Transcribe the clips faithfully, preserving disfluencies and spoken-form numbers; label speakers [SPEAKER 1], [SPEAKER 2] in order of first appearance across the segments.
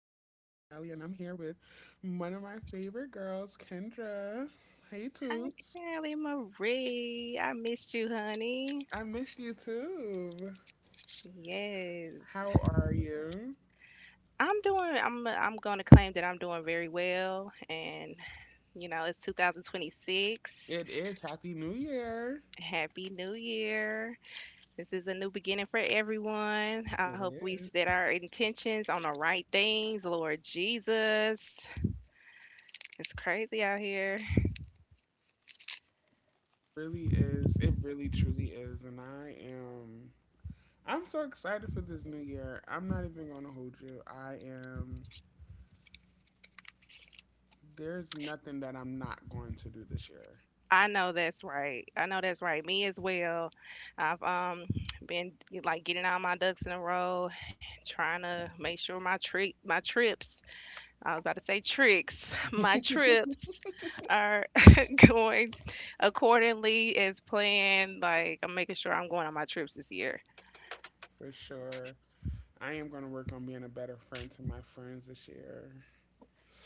[SPEAKER 1] Callie, and I'm here with one of my favorite girls, Kendra. Hey
[SPEAKER 2] Hi,
[SPEAKER 1] Toots.
[SPEAKER 2] Kelly Marie. I missed you, honey.
[SPEAKER 1] I miss you too.
[SPEAKER 2] Yes.
[SPEAKER 1] How are you?
[SPEAKER 2] I'm doing I'm I'm going to claim that I'm doing very well and you know, it's two thousand twenty-six.
[SPEAKER 1] It is Happy New Year.
[SPEAKER 2] Happy New Year. This is a new beginning for everyone. I hope
[SPEAKER 1] It
[SPEAKER 2] we set
[SPEAKER 1] is.
[SPEAKER 2] our intentions on the right things, Lord Jesus. It's crazy out here.
[SPEAKER 1] Really is. It really truly is. And I am I'm so excited for this new year. I'm not even gonna hold you. I am there's nothing that I'm not going to do this year.
[SPEAKER 2] I know that's right. I know that's right. Me as well. I've um been like getting all my ducks in a row, trying to make sure my trick my trips, I was about to say tricks, my trips are going accordingly as planned. Like I'm making sure I'm going on my trips this year.
[SPEAKER 1] For sure. I am gonna work on being a better friend to my friends this year.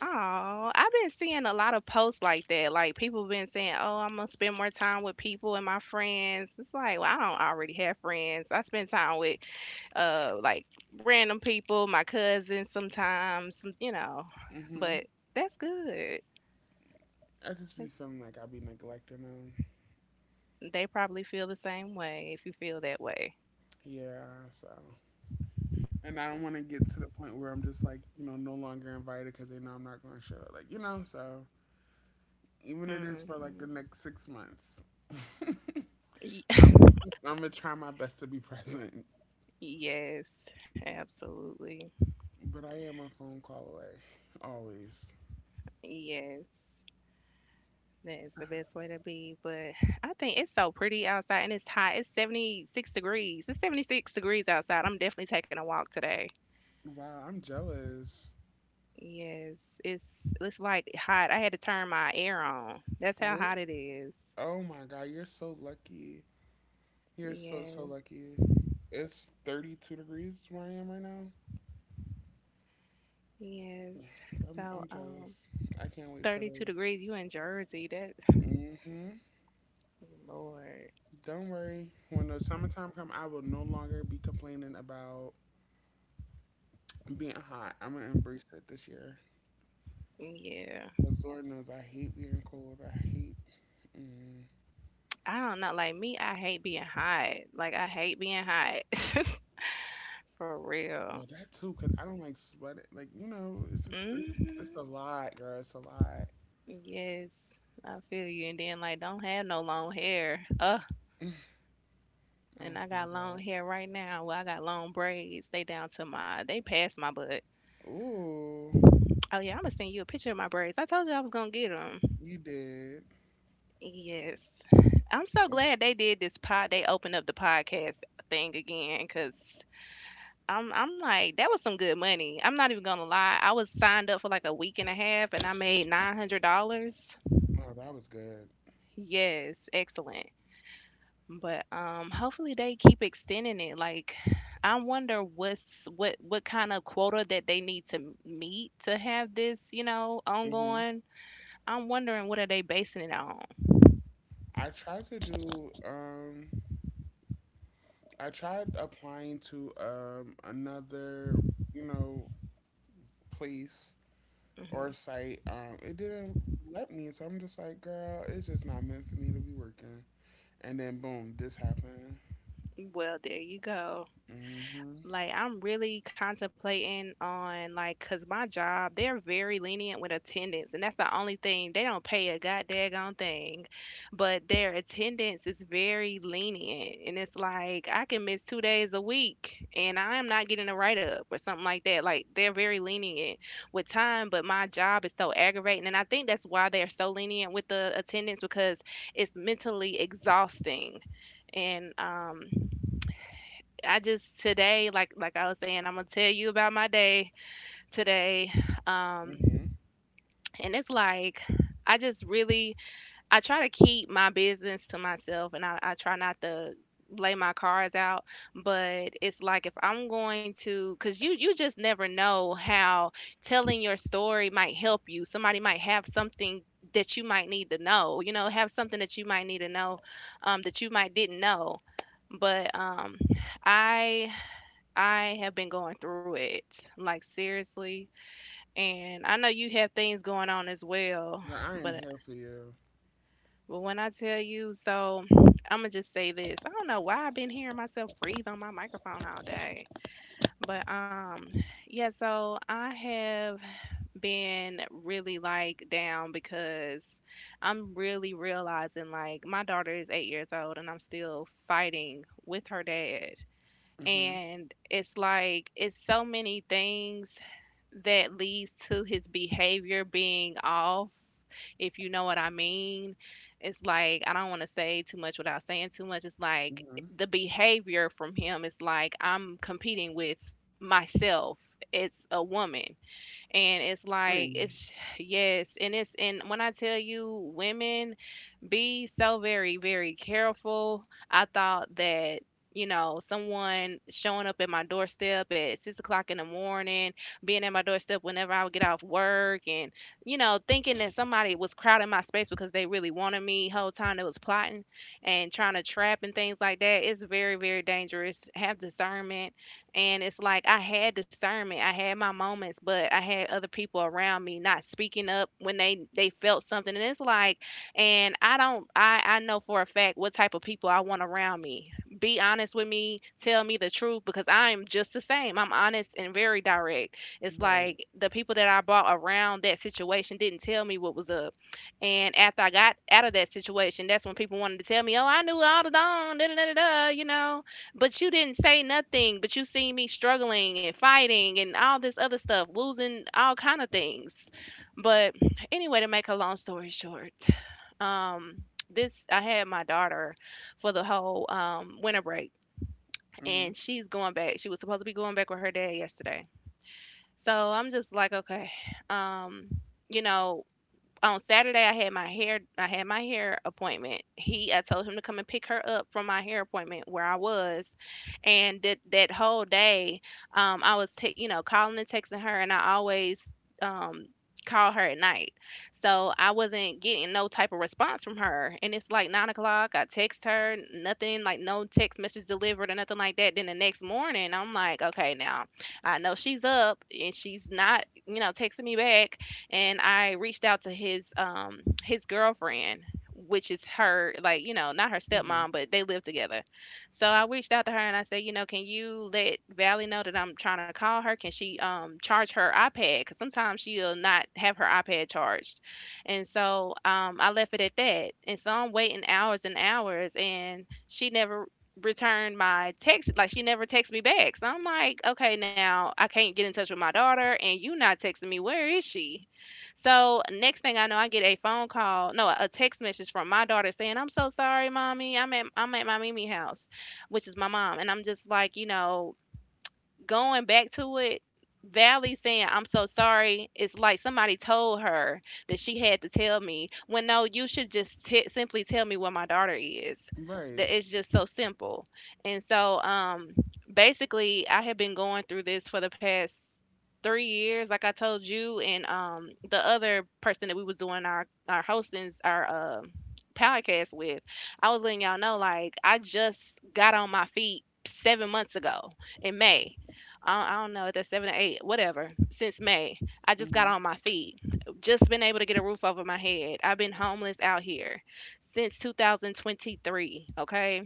[SPEAKER 2] Oh, I've been seeing a lot of posts like that. Like people been saying, "Oh, I'm gonna spend more time with people and my friends." It's like, well, I don't already have friends. I spend time with uh like random people, my cousins sometimes, some, you know, but
[SPEAKER 1] Hmm.
[SPEAKER 2] that's good.
[SPEAKER 1] I
[SPEAKER 2] Yep.
[SPEAKER 1] just be feeling like I be neglecting them.
[SPEAKER 2] They probably feel the same way if you feel that way.
[SPEAKER 1] Yeah, so. And I don't want to get to the point where I'm just like, you know, no longer invited because they know I'm not going to show it. Like, you know, so even it is for
[SPEAKER 2] Hmm.
[SPEAKER 1] like the next six months. I'm, I'm going to try my best to be present.
[SPEAKER 2] Yes, absolutely.
[SPEAKER 1] But I am a phone call away, always.
[SPEAKER 2] Yes. That is the best way to be, but I think it's so pretty outside and it's hot. It's seventy-six degrees. It's seventy-six degrees outside. I'm definitely taking a walk today.
[SPEAKER 1] Wow, I'm jealous.
[SPEAKER 2] Yes, it's it's like hot. I had to turn my air on. That's how hot
[SPEAKER 1] Really?
[SPEAKER 2] it is.
[SPEAKER 1] Oh my God, you're so lucky. You're so,
[SPEAKER 2] Yes,
[SPEAKER 1] so lucky. It's thirty-two degrees where I am right now.
[SPEAKER 2] yes. So,
[SPEAKER 1] I'm, I'm
[SPEAKER 2] um,
[SPEAKER 1] jealous. I can't wait for
[SPEAKER 2] thirty-two
[SPEAKER 1] the.
[SPEAKER 2] degrees, you in Jersey. That,
[SPEAKER 1] Hmm.
[SPEAKER 2] Lord.
[SPEAKER 1] Don't worry. When the summertime come, I will no longer be complaining about being hot. I'm gonna embrace it this year.
[SPEAKER 2] Yeah.
[SPEAKER 1] Cause Lord knows I hate being cold. I hate. Mm.
[SPEAKER 2] I don't know. Like me, I hate being hot. Like I hate being hot. For real.
[SPEAKER 1] Well, that too. Cause I don't like sweating. Like you know, it's just it's,
[SPEAKER 2] Hmm.
[SPEAKER 1] it's a lot, girl. It's a lot.
[SPEAKER 2] Yes. I feel you. And then like don't have no long hair. Ugh.
[SPEAKER 1] Mm. Oh
[SPEAKER 2] And I got
[SPEAKER 1] my
[SPEAKER 2] long
[SPEAKER 1] God.
[SPEAKER 2] hair right now. Well, I got long braids. They down to my they past my butt.
[SPEAKER 1] Ooh,
[SPEAKER 2] Oh yeah, I'm gonna send you a picture of my braids. I told you I was gonna get them.
[SPEAKER 1] you did.
[SPEAKER 2] Yes. I'm so
[SPEAKER 1] Mm.
[SPEAKER 2] glad they did this pod. They opened up the podcast thing again because I'm I'm like that was some good money. I'm not even gonna lie. I was signed up for like a week and a half and I made nine hundred dollars.
[SPEAKER 1] Oh, that was good.
[SPEAKER 2] Yes, excellent. But um, hopefully they keep extending it. Like, I wonder what's what what kind of quota that they need to meet to have this, you know,
[SPEAKER 1] Hmm.
[SPEAKER 2] ongoing. I'm wondering what are they basing it on.
[SPEAKER 1] I tried to do um I tried applying to um another, you know, place
[SPEAKER 2] Hmm.
[SPEAKER 1] or site. Um, it didn't let me, so I'm just like, girl, it's just not meant for me to be working. And then boom, this happened.
[SPEAKER 2] Well, there you go.
[SPEAKER 1] Mm-hmm.
[SPEAKER 2] Like I'm really contemplating on like cause my job, they're very lenient with attendance and that's the only thing. They don't pay a goddamn thing. But their attendance is very lenient. And it's like I can miss two days a week and I'm not getting a write up or something like that. Like they're very lenient with time, but my job is so aggravating. And I think that's why they're so lenient with the attendance because it's mentally exhausting and um I just today, like like I was saying, I'm gonna tell you about my day today. Um,
[SPEAKER 1] Mm-hmm.
[SPEAKER 2] and it's like I just really I try to keep my business to myself and I, I try not to lay my cards out, but it's like if I'm going to, because you you just never know how telling your story might help you. Somebody might have something that you might need to know, you know, have something that you might need to know, um, that you might didn't know, but um, i I have been going through it, like seriously. And I know you have things going on as well,
[SPEAKER 1] Girl, I am
[SPEAKER 2] but
[SPEAKER 1] here for you.
[SPEAKER 2] but when I tell you, so I'm gonna just say this. I don't know why I've been hearing myself breathe on my microphone all day, but um, yeah. So I have been really like down because I'm really realizing like my daughter is eight years old and I'm still fighting with her dad
[SPEAKER 1] Mm-hmm.
[SPEAKER 2] and it's like it's so many things that leads to his behavior being off, if you know what I mean. It's like I don't want to say too much without saying too much. It's like
[SPEAKER 1] Mm-hmm.
[SPEAKER 2] the behavior from him is like I'm competing with myself. It's a woman. And it's like
[SPEAKER 1] Mm.
[SPEAKER 2] it's yes. And it's, and when I tell you, women be so very, very careful. I thought that, you know, someone showing up at my doorstep at six o'clock in the morning, being at my doorstep whenever I would get off work, and, you know, thinking that somebody was crowding my space because they really wanted me, whole time they was plotting and trying to trap and things like that. It's very, very dangerous. Have discernment. And it's like I had discernment. I had my moments, but I had other people around me not speaking up when they they felt something. And it's like and I don't I I know for a fact what type of people I want around me. Be honest with me, tell me the truth because I am just the same. I'm honest and very direct. It's
[SPEAKER 1] Right.
[SPEAKER 2] like the people that I brought around that situation didn't tell me what was up. And after I got out of that situation, that's when people wanted to tell me, "Oh, I knew all the time, da da da da, da," you know, but you didn't say nothing, but you seen me struggling and fighting and all this other stuff, losing all kind of things." But anyway, to make a long story short, um this I had my daughter for the whole um winter break
[SPEAKER 1] Mm-hmm.
[SPEAKER 2] and she's going back. She was supposed to be going back with her dad yesterday. So I'm just like, okay, um, you know, on Saturday I had my hair I had my hair appointment. He I told him to come and pick her up from my hair appointment where I was, and that that whole day, um, I was te- you know, calling and texting her, and I always um call her at night, so I wasn't getting no type of response from her. And it's like nine o'clock. I text her, n- nothing, like no text message delivered or nothing like that. Then the next morning, I'm like, okay, now I know she's up and she's not, you know, texting me back, and I reached out to his um his girlfriend, which is her, like, you know, not her stepmom
[SPEAKER 1] Mm-hmm.
[SPEAKER 2] but they live together, so I reached out to her and I said, you know, can you let Valley know that I'm trying to call her, can she um charge her iPad because sometimes she'll not have her iPad charged. And so um I left it at that, and so I'm waiting hours and hours and she never returned my text. Like, she never texted me back. So I'm like, okay, now I can't get in touch with my daughter and you not texting me where is she. So next thing I know, I get a phone call, no, a text message from my daughter saying, "I'm so sorry, mommy. I'm at I'm at my Mimi house, which is my mom." And I'm just like, you know, going back to it, Valley saying, I'm so sorry, it's like somebody told her that she had to tell me. When no, you should just t- simply tell me where my daughter is. That
[SPEAKER 1] Right.
[SPEAKER 2] it's just so simple. And so, um, basically, I have been going through this for the past three years, like I told you, and um, the other person that we was doing our our hostings, our uh, podcast with, I was letting y'all know, like I just got on my feet seven months ago in May. I, I don't know, at the seven or eight, whatever, since May. I just got
[SPEAKER 1] Mm-hmm.
[SPEAKER 2] on my feet. Just been able to get a roof over my head. I've been homeless out here since two thousand twenty-three, okay?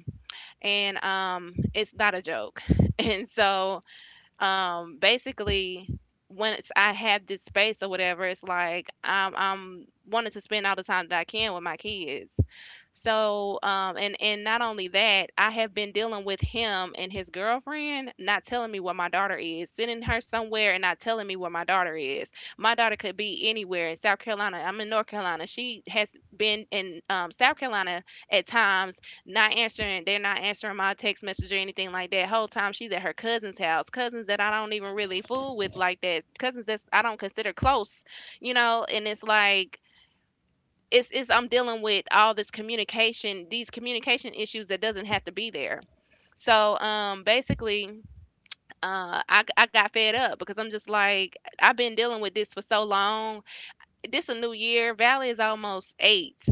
[SPEAKER 2] And um it's not a joke. And so um basically once I have this space or whatever, it's like I'm I'm wanting to spend all the time that I can with my kids. So um and and not only that, I have been dealing with him and his girlfriend not telling me where my daughter is, sending her somewhere and not telling me where my daughter is. My daughter could be anywhere in South Carolina. I'm in North Carolina. She has been in um, South Carolina at times not answering, they're not answering my text message or anything like that. Whole time she's at her cousin's house, cousins that I don't even really fool with like that, cousins that I don't consider close, you know. And it's like it's, it's I'm dealing with all this communication, these communication issues that doesn't have to be there. So um basically uh, I, I got fed up because I'm just like, I've been dealing with this for so long, this a new year. Valley is almost eight.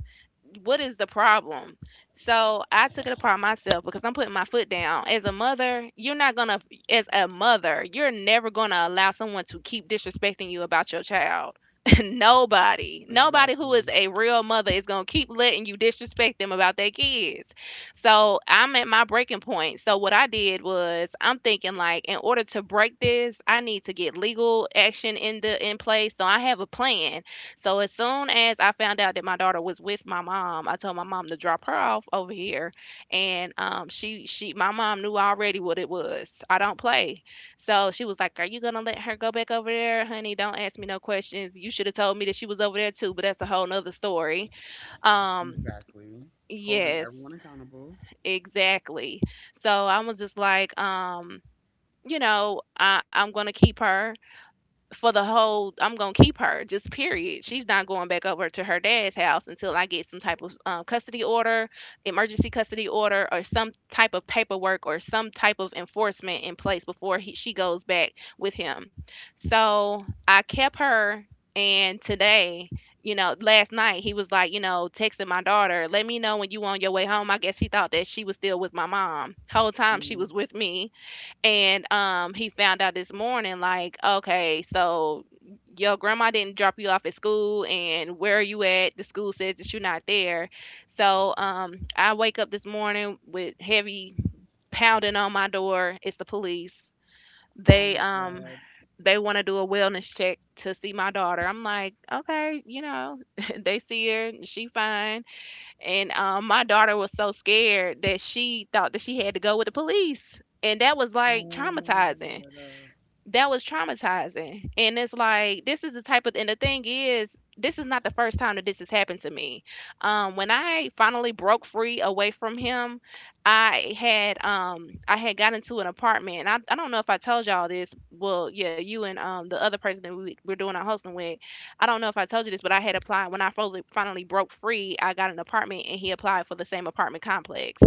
[SPEAKER 2] What is the problem? So I took it upon myself because I'm putting my foot down. As a mother, you're not gonna as a mother, you're never gonna allow someone to keep disrespecting you about your child. Nobody. Nobody who is
[SPEAKER 1] Exactly.
[SPEAKER 2] a real mother is gonna keep letting you disrespect them about their kids. So I'm at my breaking point. So what I did was I'm thinking like in order to break this, I need to get legal action in the in place. So I have a plan. So as soon as I found out that my daughter was with my mom, I told my mom to drop her off over here, and um, she she my mom knew already what it was. I don't play, so she was like, "Are you gonna let her go back over there, honey? Don't ask me no questions. You should have told me that she was over there too, but that's a whole nother story." Um,
[SPEAKER 1] Exactly. Holding
[SPEAKER 2] yes,
[SPEAKER 1] everyone accountable.
[SPEAKER 2] exactly. So I was just like, um, you know, I, I'm gonna keep her for the whole I'm gonna keep her, just period. She's not going back over to her dad's house until I get some type of um, custody order, emergency custody order, or some type of paperwork or some type of enforcement in place before he, she goes back with him. So I kept her. And today, you know, last night he was like, you know, texting my daughter, "Let me know when you on your way home." I guess he thought that she was still with my mom whole time she
[SPEAKER 1] Mm-hmm.
[SPEAKER 2] was with me. And um, he found out this morning, like, okay, so your grandma didn't drop you off at school, and where are you at? The school says that you're not there. So um, I wake up this morning with heavy pounding on my door. It's the police.
[SPEAKER 1] Oh
[SPEAKER 2] They
[SPEAKER 1] my
[SPEAKER 2] um,
[SPEAKER 1] God.
[SPEAKER 2] they want to do a wellness check to see my daughter. I'm like, okay, you know, they see her, she fine. And um, my daughter was so scared that she thought that she had to go with the police. And that was like
[SPEAKER 1] Oh my
[SPEAKER 2] traumatizing
[SPEAKER 1] God. Uh,
[SPEAKER 2] that was traumatizing. And it's like this is the type of and the thing is this is not the first time that this has happened to me. Um, when I finally broke free away from him, I had um I had gotten to an apartment. And I, I don't know if I told y'all this. Well, yeah, you and um the other person that we were doing our hosting with. I don't know if I told you this, but I had applied when I finally finally broke free. I got an apartment and he applied for the same apartment complex.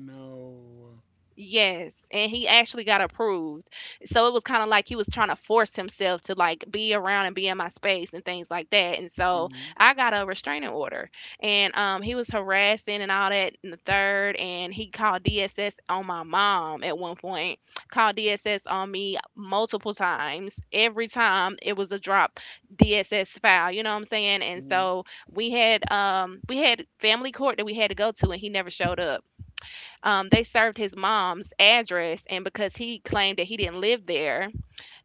[SPEAKER 1] No.
[SPEAKER 2] Yes, and he actually got approved. So it was kind of like he was trying to force himself to like be around and be in my space and things like that. And so
[SPEAKER 1] Mhm.
[SPEAKER 2] I got a restraining order, and um, he was harassing and all that in the third. And he called D S S on my mom at one point. Called D S S on me multiple times. Every time it was a drop D S S file. You know what I'm saying? And
[SPEAKER 1] Mhm.
[SPEAKER 2] so we had um we had family court that we had to go to, and he never showed up. Um, they served his mom's address, and because he claimed that he didn't live there,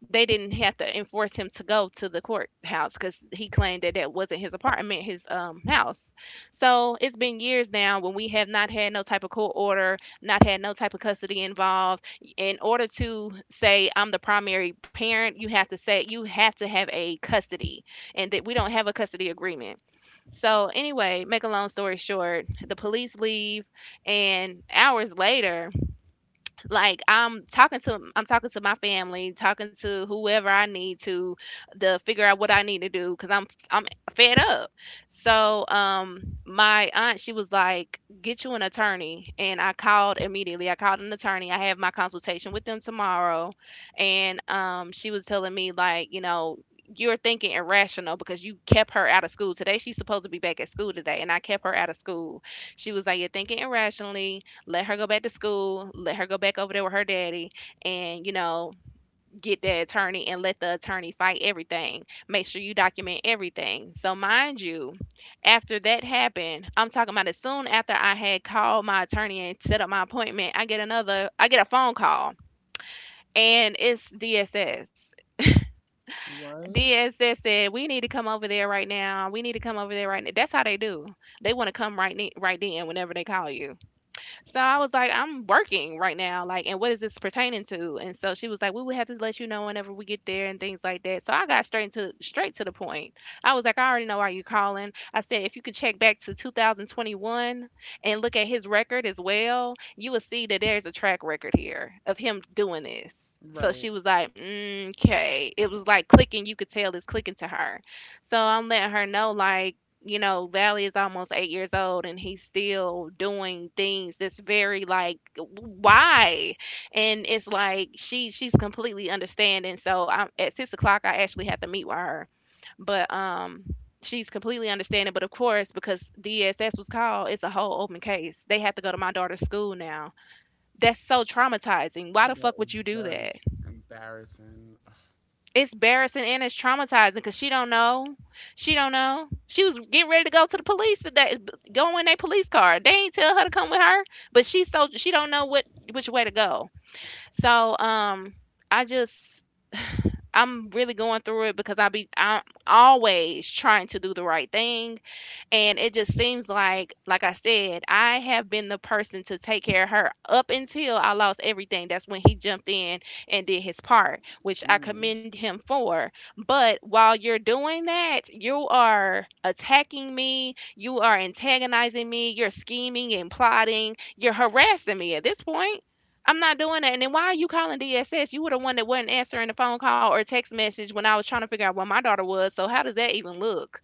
[SPEAKER 2] they didn't have to enforce him to go to the courthouse because he claimed that that wasn't his apartment, his um, house. So it's been years now when we have not had no type of court order, not had no type of custody involved. In order to say I'm the primary parent, you have to say you have to have a custody, and that we don't have a custody agreement. So anyway, make a long story short, the police leave. And hours later, like I'm talking to i'm talking to my family, talking to whoever I need to to figure out what I need to do because i'm I'm fed up. So um my aunt, she was like, get you an attorney. And I called immediately, I called an attorney. I have my consultation with them tomorrow. And um she was telling me, like, you know, you're thinking irrational because you kept her out of school today. She's supposed to be back at school today and I kept her out of school. She was like, you're thinking irrationally. Let her go back to school. Let her go back over there with her daddy. And, you know, get that attorney and let the attorney fight everything. Make sure you document everything. So, mind you, after that happened, I'm talking about as soon after I had called my attorney and set up my appointment, I get another, I get a phone call, and it's D S S.
[SPEAKER 1] What?
[SPEAKER 2] D S S said, "We need to come over there right now. We need to come over there right now." That's how they do. They want to come right ne- right then whenever they call you. So I was like, I'm working right now. Like, and what is this pertaining to? And so she was like, we would have to let you know whenever we get there and things like that. So I got straight into straight to the point. I was like, I already know why you're calling. I said, if you could check back to two thousand twenty-one and look at his record as well, you will see that there's a track record here of him doing this. So she
[SPEAKER 1] Right.
[SPEAKER 2] was like, "Mm, okay." It was like clicking. You could tell it's clicking to her. So I'm letting her know, like, you know, Valley is almost eight years old and he's still doing things that's very like, why? And it's like she she's completely understanding. So I'm at six o'clock. I actually had to meet with her, but um, she's completely understanding. But of course, because D S S was called, it's a whole open case. They have to go to my daughter's school now. That's so traumatizing. Why the
[SPEAKER 1] That
[SPEAKER 2] fuck would
[SPEAKER 1] is
[SPEAKER 2] you do
[SPEAKER 1] very
[SPEAKER 2] that?
[SPEAKER 1] t- embarrassing.
[SPEAKER 2] It's embarrassing and it's traumatizing because she don't know, she don't know. She was getting ready to go to the police today, b- go in their police car. They ain't tell her to come with her, but she so she don't know what which way to go. So um I just, I'm really going through it because i be I'm always trying to do the right thing. And it just seems like, like I said, I have been the person to take care of her up until I lost everything. That's when he jumped in and did his part, which I
[SPEAKER 1] Mm.
[SPEAKER 2] commend him for. But while you're doing that, you are attacking me, you are antagonizing me, you're scheming and plotting, you're harassing me at this point. I'm not doing that. And then why are you calling D S S? You were the one that wasn't answering the phone call or text message when I was trying to figure out where my daughter was. So how does that even look?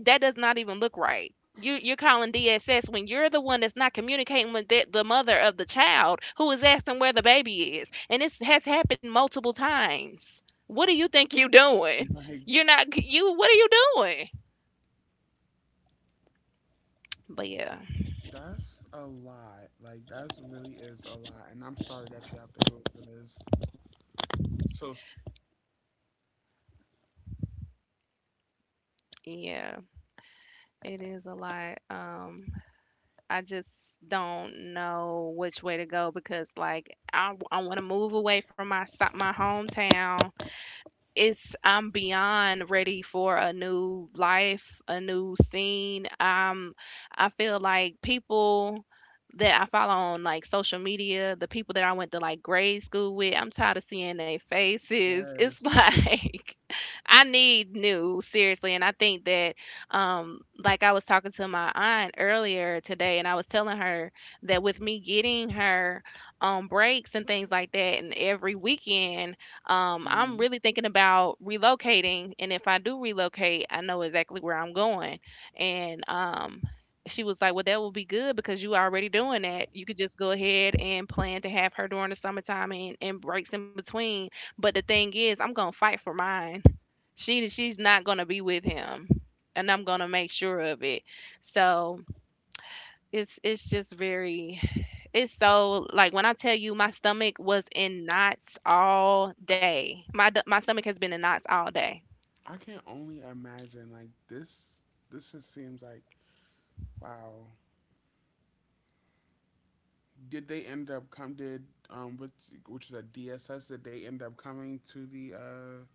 [SPEAKER 2] That does not even look right. You you're calling D S S when you're the one that's not communicating with the, the mother of the child who is asking where the baby is, and this has happened multiple times. What do you think you're doing?
[SPEAKER 1] Like
[SPEAKER 2] You're not you. What are you doing? But yeah,
[SPEAKER 1] that's a lot. Like that's really is a lot, and I'm sorry that you have to go through this. So
[SPEAKER 2] yeah, it is a lot. Um, I just don't know which way to go because like I, I want to move away from my si- my hometown. It's I'm beyond ready for a new life, a new scene. Um, I feel like people that I follow on like social media, the people that I went to like grade school with, I'm tired of seeing their faces. It's
[SPEAKER 1] yes,
[SPEAKER 2] like I need new, seriously. And I think that um like I was talking to my aunt earlier today and I was telling her that with me getting her um breaks and things like that and every weekend, um, I'm
[SPEAKER 1] mhm.
[SPEAKER 2] really thinking about relocating, and if I do relocate, I know exactly where I'm going. And um, she was like, "Well, that will be good because you already doing that. You could just go ahead and plan to have her during the summertime and, and breaks in between." But the thing is, I'm gonna fight for mine. She she's not gonna be with him, and I'm gonna make sure of it. So it's it's just very, it's so, like, when I tell you my stomach was in knots all day. My d- my stomach has been in knots all day.
[SPEAKER 1] I can only imagine. Like this, this just seems like wow. Did they end up come? Did um, which which is a D S S D S S? Did they end up coming to the uh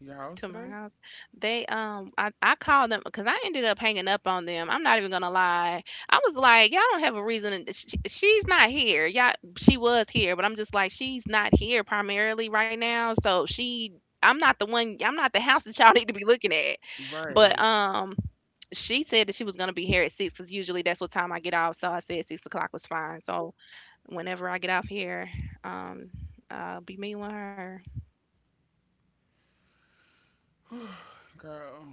[SPEAKER 1] your
[SPEAKER 2] To
[SPEAKER 1] house
[SPEAKER 2] my
[SPEAKER 1] today?
[SPEAKER 2] house, they um I I called them because I ended up hanging up on them. I'm not even gonna lie. I was like, y'all don't have a reason to- she's not here. Yeah, she was here, but I'm just like she's not here primarily right now. So she. I'm not the one. I'm not the house that y'all need to be looking at. But
[SPEAKER 1] Right.
[SPEAKER 2] um, She said that she was gonna be here at six because usually that's what time I get off. So I said six o'clock was fine. So whenever I get off here, um, I'll be meeting with her.
[SPEAKER 1] Girl,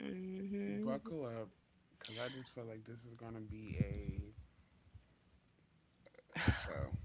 [SPEAKER 2] Hmm.
[SPEAKER 1] buckle up, because I just feel like this is going to be a, a show.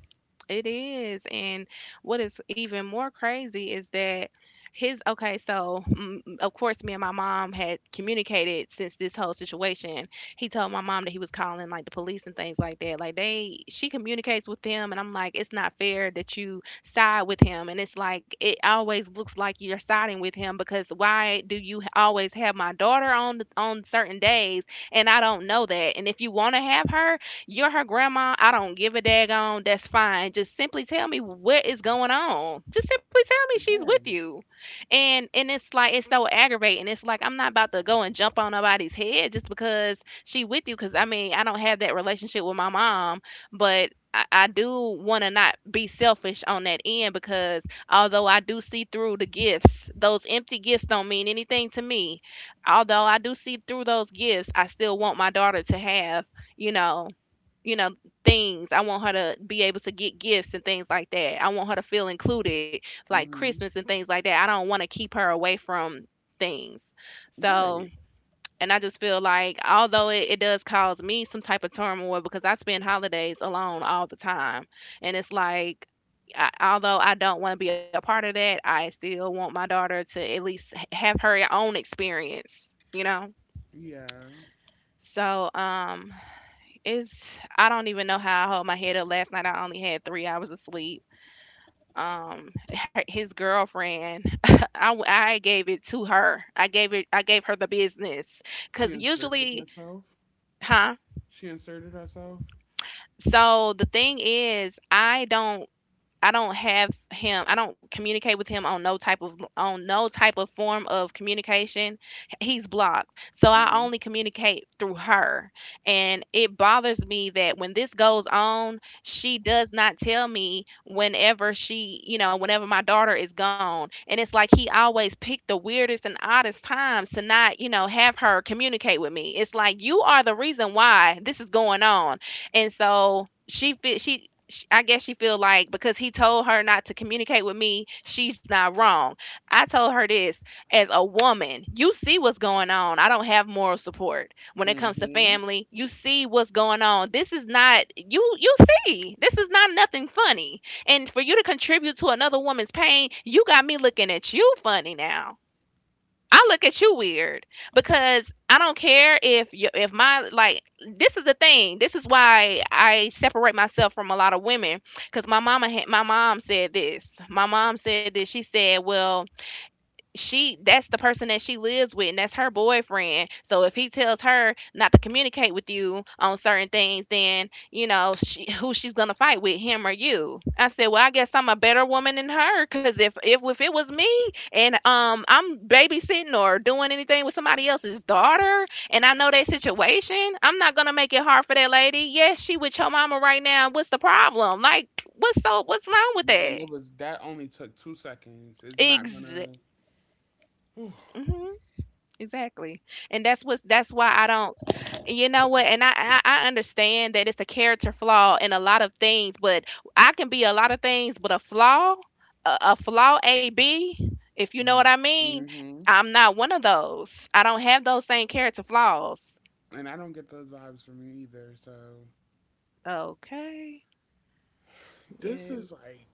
[SPEAKER 2] It is. And what is even more crazy is that his, okay, so mm, mm, of course, me and my mom had communicated since this whole situation. He told my mom that he was calling like the police and things like that. Like they, she communicates with them, and I'm like, it's not fair that you side with him. And it's like, it always looks like you're siding with him because why do you always have my daughter on, on certain days and I don't know that? And if you want to have her, you're her grandma. I don't give a daggone. That's fine. Just simply tell me what is going on. Just simply tell me she's with
[SPEAKER 1] Right.
[SPEAKER 2] you. And and it's like it's so aggravating. It's like I'm not about to go and jump on nobody's head just because she with you. Because I mean I don't have that relationship with my mom, but. I, I do want to not be selfish on that end because although I do see through the gifts, those empty gifts don't mean anything to me, although I do see through those gifts, I still want my daughter to have, you know, you know things. I want her to be able to get gifts and things like that. I want her to feel included, like Christmas
[SPEAKER 1] Hmm.
[SPEAKER 2] and things like that. I don't want to keep her away from things. So
[SPEAKER 1] Right.
[SPEAKER 2] and I just feel like although it, it does cause me some type of turmoil because I spend holidays alone all the time, and it's like I, although I don't want to be a part of that, I still want my daughter to at least h- have her own experience you know
[SPEAKER 1] Yeah.
[SPEAKER 2] so um, it's I don't even know how I hold my head up last night. I only had three hours of sleep. Um, her, his girlfriend, I, w- I gave it to her. I gave it. I gave her the business
[SPEAKER 1] She
[SPEAKER 2] because
[SPEAKER 1] inserted
[SPEAKER 2] usually,
[SPEAKER 1] herself.
[SPEAKER 2] huh?
[SPEAKER 1] She inserted herself.
[SPEAKER 2] So the thing is, I don't I don't have him. I don't communicate with him on no type of on no type of form of communication. He's blocked. So I
[SPEAKER 1] Hmm.
[SPEAKER 2] only communicate through her. And it bothers me that when this goes on, she does not tell me whenever she, you know, whenever my daughter is gone. And it's like he always picked the weirdest and oddest times to not, you know, have her communicate with me. It's like you are the reason why this is going on. And so she fe- she sh- I guess she feel like because he told her not to communicate with me, she's not wrong. I told her this as a woman. You see what's going on. I don't have moral support when it
[SPEAKER 1] Hmm.
[SPEAKER 2] comes to
[SPEAKER 1] And
[SPEAKER 2] family. You see what's going on. This is not you you see. This is not nothing funny. And for you to contribute to another woman's pain, you got me looking at you funny now. I look at you weird because I don't care if you, if my, like, this is the thing. This is why I separate myself from a lot of women because my mama had, my mom said this. My mom said this. She said, "Well, she that's the person that she lives with and that's her boyfriend, so if he tells her not to communicate with you on certain things, then you know she, who she's gonna fight with him or you?" I said, "Well, I guess I'm a better woman than her because if, if if it was me, and um I'm babysitting or doing anything with somebody else's daughter and I know that situation, I'm not gonna make it hard for that lady. Yes, she with your mama right now. What's the problem? Like, what's so what's wrong with that?"
[SPEAKER 1] it was, that only took two seconds. It's not
[SPEAKER 2] Exactly.
[SPEAKER 1] going to. Hmm.
[SPEAKER 2] Exactly. And that's what's that's why I don't, you know what, and I, I I understand that it's a character flaw in a lot of things, but I can be a lot of things, but a flaw, a, a flaw A B, if you know what I mean, I'm not one of those. I don't have those same character flaws.
[SPEAKER 1] And I don't get those vibes from you either. So
[SPEAKER 2] Okay.
[SPEAKER 1] this is
[SPEAKER 2] Yeah.
[SPEAKER 1] like,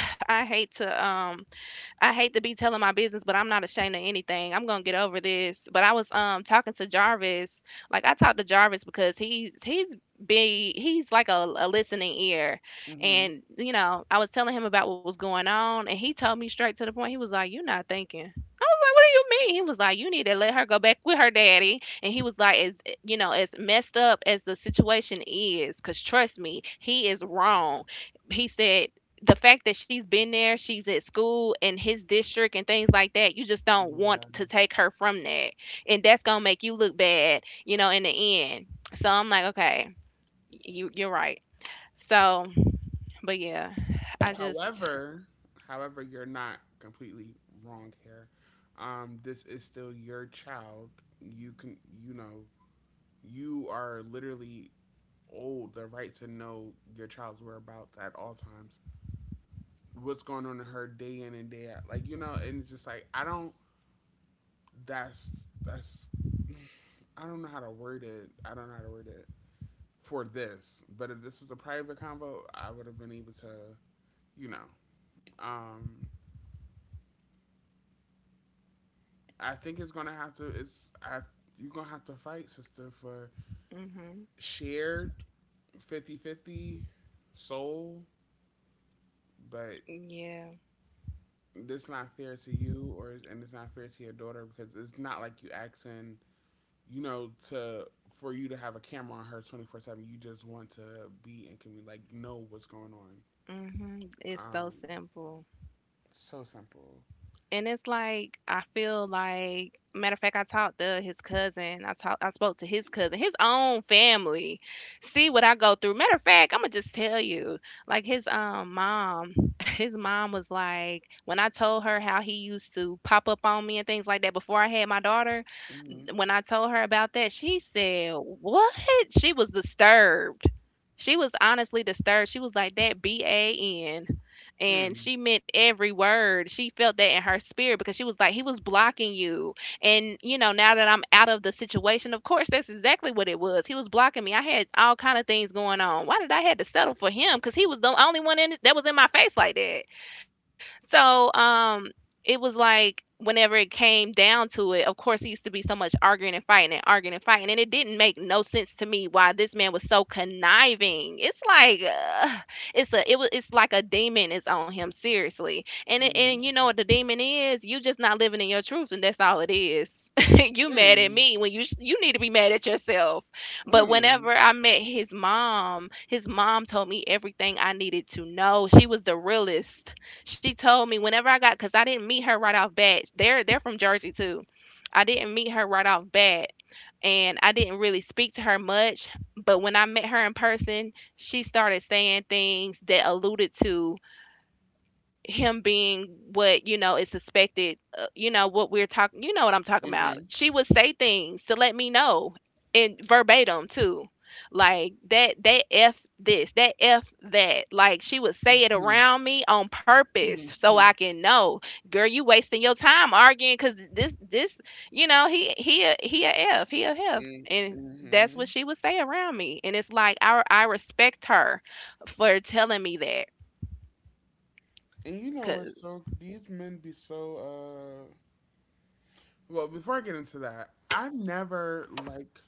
[SPEAKER 2] I hate to um I hate to be telling my business, but I'm not ashamed of anything. I'm gonna get over this. But I was um talking to Jarvis. Like I talked to Jarvis because he's he's big. He's like a, a listening ear,
[SPEAKER 1] hmm,
[SPEAKER 2] and you know I was telling him about what was going on, and he told me straight to the point. He was like, "You're not thinking." I was like, "What do you mean?" He was like, "You need to let her go back with her daddy." And he was like, "As you know, as messed up as the situation is, because trust me, he is wrong." He said the fact that she's been there, she's at school in his district and things like that, you just don't want
[SPEAKER 1] yeah.
[SPEAKER 2] to take her from that. And that's going to make you look bad, you know, in the end. So I'm like, okay, you you're right. So, but yeah, I just
[SPEAKER 1] However, however, you're not completely wrong here. Um, this is still your child. You can, you know, you are literally old the right to know your child's whereabouts at all times. What's going on in her day in and day out, like you know, and it's just like I don't. That's that's. I don't know how to word it. I don't know how to word it for this. But if this was a private convo, I would have been able to, you know, um, I think it's gonna have to. It's I. You're gonna have to fight, sister, for
[SPEAKER 2] mhm.
[SPEAKER 1] shared fifty fifty soul, but
[SPEAKER 2] Yeah.
[SPEAKER 1] that's not fair to you, or and it's not fair to your daughter because it's not like you asking, you know, to for you to have a camera on her twenty four seven. You just want to be and can we like know what's going on.
[SPEAKER 2] Mhm. It's so
[SPEAKER 1] Um,
[SPEAKER 2] simple.
[SPEAKER 1] so simple.
[SPEAKER 2] And it's like I feel like, matter of fact, I talked to his cousin. I talked I spoke to his cousin, his own family. See what I go through. Matter of fact, I'ma just tell you. Like his um mom, his mom was like, when I told her how he used to pop up on me and things like that before I had my daughter,
[SPEAKER 1] Mm-hmm.
[SPEAKER 2] when I told her about that, she said, "What?" She was disturbed. She was honestly disturbed. She was like, "That B A N," and
[SPEAKER 1] Mm.
[SPEAKER 2] she meant every word. She felt that in her spirit because she was like, he was blocking you. And, you know, now that I'm out of the situation, of course, that's exactly what it was. He was blocking me. I had all kind of things going on. Why did I had to settle for him? Because he was the only one in that was in my face like that. So, um, it was like whenever it came down to it, of course, it used to be so much arguing and fighting and arguing and fighting, and it didn't make no sense to me why this man was so conniving. It's like ugh, it's a it was it's like a demon is on him seriously, and it,
[SPEAKER 1] Mm-hmm.
[SPEAKER 2] and you know what the demon is? You just not living in your truth, and that's all it is. You mad at
[SPEAKER 1] Mm.
[SPEAKER 2] me when you sh- you need to be mad at yourself. But
[SPEAKER 1] Mm.
[SPEAKER 2] whenever I met his mom, his mom told me everything I needed to know. She was the realest. She told me whenever I got, because I didn't meet her right off bat. They're they're from Jersey too. I didn't meet her right off bat, and I didn't really speak to her much. But when I met her in person, she started saying things that alluded to him being what you know is suspected, uh, you know what we're talking, you know what I'm talking about.
[SPEAKER 1] Mm-hmm.
[SPEAKER 2] She would say things to let me know, in verbatim too, like that, that F this, that F that, like she would say it
[SPEAKER 1] Mm-hmm.
[SPEAKER 2] around me on purpose
[SPEAKER 1] Hmm.
[SPEAKER 2] so
[SPEAKER 1] Mm.
[SPEAKER 2] I can know. Girl, you wasting your time arguing because this this you know he he a, he a f he a F,
[SPEAKER 1] Mm.
[SPEAKER 2] and that's
[SPEAKER 1] Mm.
[SPEAKER 2] what she would say around me, and it's like i i respect her for telling me that
[SPEAKER 1] And you know what's
[SPEAKER 2] because
[SPEAKER 1] so these men be so, uh well, before I get into that, I never like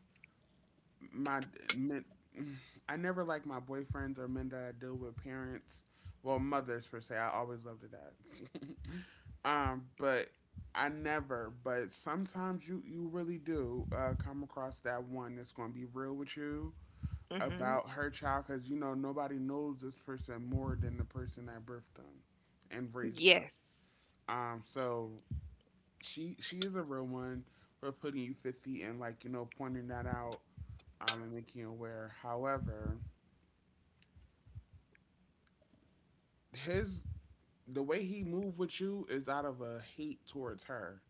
[SPEAKER 1] my men I never like my boyfriends or men that I deal with parents, well, mothers per se. I always love the dads. um, but I never, but sometimes you you really do, uh, come across that one that's going to be real with you about her child because you know nobody knows this person more than the person that birthed them and raised them.
[SPEAKER 2] Yes.
[SPEAKER 1] Um, so she she is a real one for putting you fifty and like you know pointing that out, um and making you aware. However, his the way he moved with you is out of a hate towards her,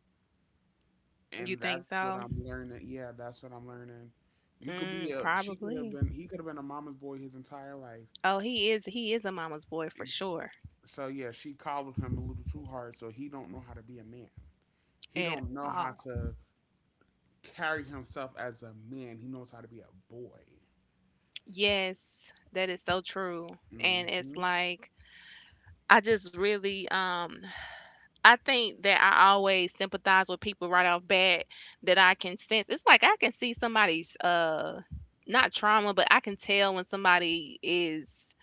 [SPEAKER 2] You
[SPEAKER 1] and
[SPEAKER 2] think
[SPEAKER 1] that's what
[SPEAKER 2] so?
[SPEAKER 1] I'm learning. Yeah, that's what I'm learning. You could be
[SPEAKER 2] Mm,
[SPEAKER 1] a she could have
[SPEAKER 2] probably.
[SPEAKER 1] been he could have been a mama's boy his entire life.
[SPEAKER 2] Oh, he is he is a mama's boy for
[SPEAKER 1] Ex-
[SPEAKER 2] sure.
[SPEAKER 1] so yeah, she coddled him a little too hard, so he don't know how to be a man. He
[SPEAKER 2] At
[SPEAKER 1] don't know how
[SPEAKER 2] all.
[SPEAKER 1] to carry himself as a man. He knows how to be a boy.
[SPEAKER 2] Yes, that is so true. And
[SPEAKER 1] Hmm.
[SPEAKER 2] it's like I just really um I think that I always sympathize with people right off bat that I can sense. It's like I can see somebody's uh not trauma, but I can tell when somebody is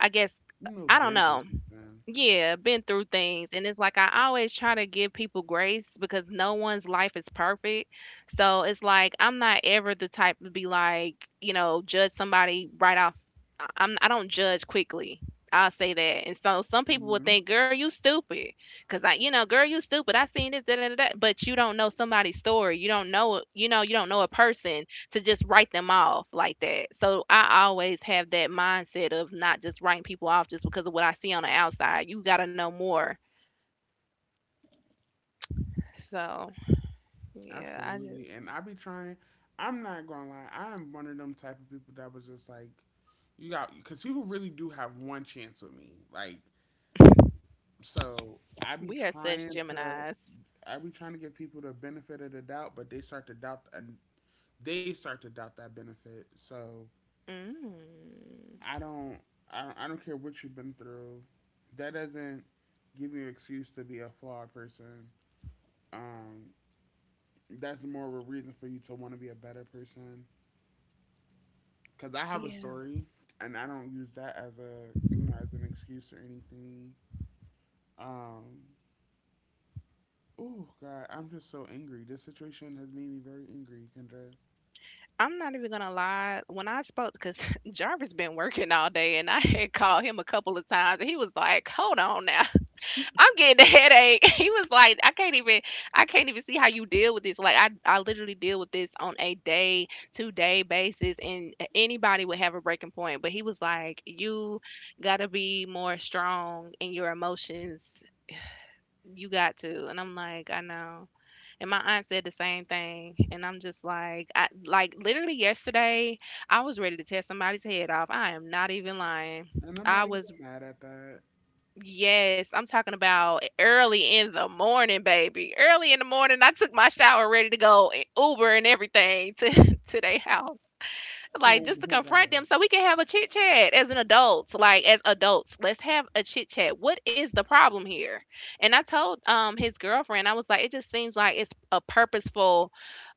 [SPEAKER 2] I guess
[SPEAKER 1] You know,
[SPEAKER 2] I don't
[SPEAKER 1] bent or
[SPEAKER 2] know.
[SPEAKER 1] something.
[SPEAKER 2] Yeah, been through things. And it's like I always try to give people grace because no one's life is perfect. So it's like I'm not ever the type to be like, you know, judge somebody right off. I- I'm I don't judge quickly. I'll say that. And so some people will
[SPEAKER 1] Hmm.
[SPEAKER 2] think, "Girl, you stupid." Cause I, you know, "Girl, you stupid. I seen this, da, da, da, da." But you don't know somebody's story. You don't know, you know, you don't know a person to just write them off like that. So I always have that mindset of not just writing people off just because of what I see on the outside. You got to know more. So yeah, I just
[SPEAKER 1] Absolutely. And I be trying. I'm not gonna lie. I am one of them type of people that was just like, you got, because people really do have one chance with me. Like, so I be
[SPEAKER 2] we are such
[SPEAKER 1] trying to,
[SPEAKER 2] Gemini's.
[SPEAKER 1] I be trying to give people the benefit of the doubt, but they start to doubt, and they start to doubt that benefit. So
[SPEAKER 2] Mm.
[SPEAKER 1] I don't, I don't, I don't care what you've been through. That doesn't give you an excuse to be a flawed person. Um, that's more of a reason for you to want to be a better person. Because I have a
[SPEAKER 2] Yeah,
[SPEAKER 1] story, and I don't use that as a you know as an excuse or anything. Um, oh God, I'm just so angry. This situation has made me very angry, Kendra,
[SPEAKER 2] I'm not even gonna lie. When I spoke, because Jarvis been working all day, and I had called him a couple of times, and he was like, "Hold on now. I'm getting a headache." He was like, I can't even I can't even see how you deal with this. Like I I literally deal with this on a day to day basis, and anybody would have a breaking point. But he was like, "You gotta be more strong in your emotions. You got to." And I'm like, "I know." And my aunt said the same thing. And I'm just like, I, like, literally yesterday I was ready to tear somebody's head off. I am not even lying.
[SPEAKER 1] and I'm
[SPEAKER 2] I
[SPEAKER 1] not even
[SPEAKER 2] was
[SPEAKER 1] mad at that.
[SPEAKER 2] Yes, I'm talking about early in the morning, baby. Early in the morning, I took my shower ready to go and Uber and everything to to their house
[SPEAKER 1] Oh
[SPEAKER 2] like just to
[SPEAKER 1] my
[SPEAKER 2] confront
[SPEAKER 1] God.
[SPEAKER 2] them so we can have a chit chat as an adult, like as adults, let's have a chit chat. What is the problem here? And I told um his girlfriend, I was like, it just seems like it's a purposeful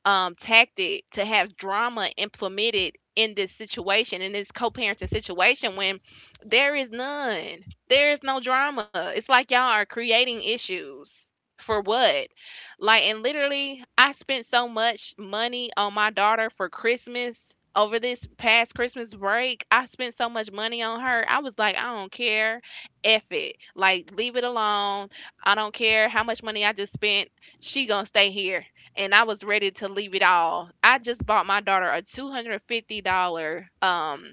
[SPEAKER 2] um tactic to have drama implemented in this situation, in this co-parenting situation, when there is none. There is no drama. It's like y'all are creating issues for what? Like, and literally, I spent so much money on my daughter for Christmas over this past Christmas break. I spent so much money on her. I was like, I don't care. F it. Like, leave it alone. I don't care how much money I just spent. She gonna stay here. And I was ready to leave it all. I just bought my daughter a two hundred fifty dollars um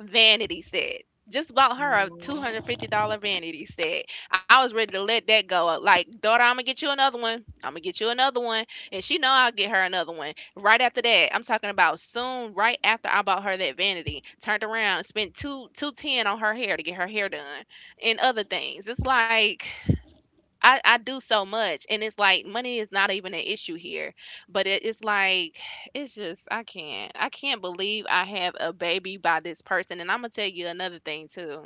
[SPEAKER 2] vanity set. Just bought her a two hundred fifty dollar vanity set. I was ready to let that go. Like, daughter, I'm gonna get you another one. I'm gonna get you another one, and she know I'll get her another one. Right after that, I'm talking about soon. Right after I bought her that vanity, turned around and spent two two ten on her hair to get her hair done, and other things. It's like I, I do so much, and it's like money is not even an issue here, but it, it's like it's just i can't i can't believe I have a baby by this person. And I'm gonna tell you another thing too.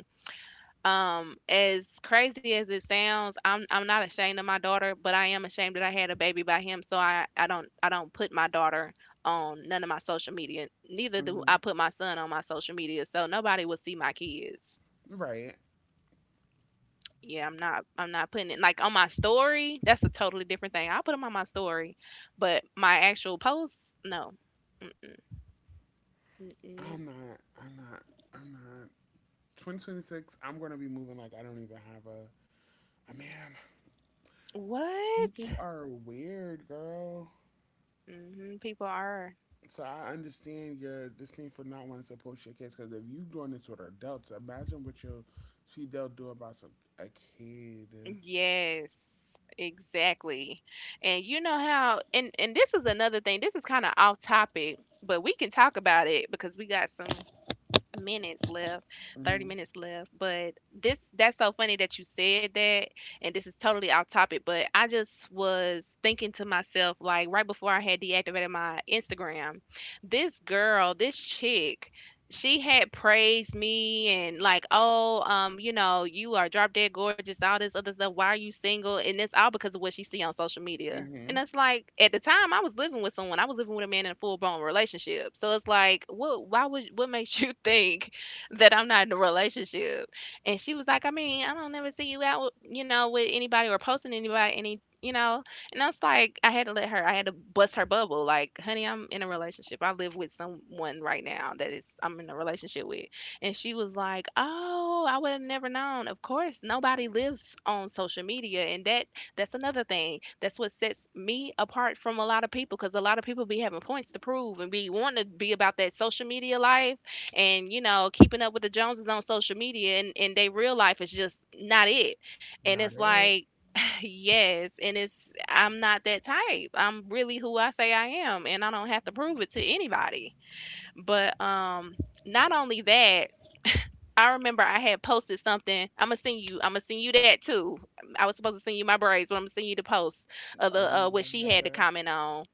[SPEAKER 2] um as crazy as it sounds, i'm i'm not ashamed of my daughter, but I am ashamed that I had a baby by him. So i i don't i don't put my daughter on none of my social media, neither do
[SPEAKER 1] Mm-hmm.
[SPEAKER 2] I put my son on my social media, so nobody will see my kids.
[SPEAKER 1] Right.
[SPEAKER 2] Yeah, I'm not I'm not putting it like on my story. That's a totally different thing. I'll put them on my story, but my actual posts, no. Mm, mm,
[SPEAKER 1] I'm
[SPEAKER 2] mm.
[SPEAKER 1] not. I'm not. I'm not. twenty twenty-six. I'm gonna be moving like I don't even have a a man.
[SPEAKER 2] What?
[SPEAKER 1] People are weird, girl.
[SPEAKER 2] Hmm, people are.
[SPEAKER 1] So I understand your disdain for not wanting to post your kids because if you doing this with adults, imagine what your they'll do about some a kid.
[SPEAKER 2] Yes, exactly. And you know how, and and this is another thing. This is kind of off topic, but we can talk about it because we got some minutes left thirty
[SPEAKER 1] Hmm.
[SPEAKER 2] minutes left. But this that's so funny that you said that, and this is totally off topic, but I just was thinking to myself like, right before I had deactivated my Instagram, this girl, this chick, she had praised me and like, oh, um, you know, you are drop dead gorgeous, all this other stuff. Why are you single? And it's all because of what she see on social media. And
[SPEAKER 1] Hmm.
[SPEAKER 2] it's like at the time I was living with someone. I was living with a man in a full blown relationship. So it's like, what why would what makes you think that I'm not in a relationship? And she was like, I mean, I don't never see you out with, you know, with anybody or posting anybody any you know, and I was like, I had to let her, I had to bust her bubble. Like, honey, I'm in a relationship. I live with someone right now that is I'm in a relationship with. And she was like, oh, I would have never known. Of course, nobody lives on social media. And that that's another thing. That's what sets me apart from a lot of people, because a lot of people be having points to prove and be wanting to be about that social media life and you know, keeping up with the Joneses on social media, and, and they real life is just not it. And it's
[SPEAKER 1] Not it.
[SPEAKER 2] like, yes, and it's I'm not that type. I'm really who I say I am, and I don't have to prove it to anybody. But um, not only that, I remember I had posted something. I'm gonna send you. I'm gonna send you that too. I was supposed to send you my braids, but I'm gonna send you the post of
[SPEAKER 1] Oh
[SPEAKER 2] the
[SPEAKER 1] my
[SPEAKER 2] uh, what she had to
[SPEAKER 1] God.
[SPEAKER 2] comment on.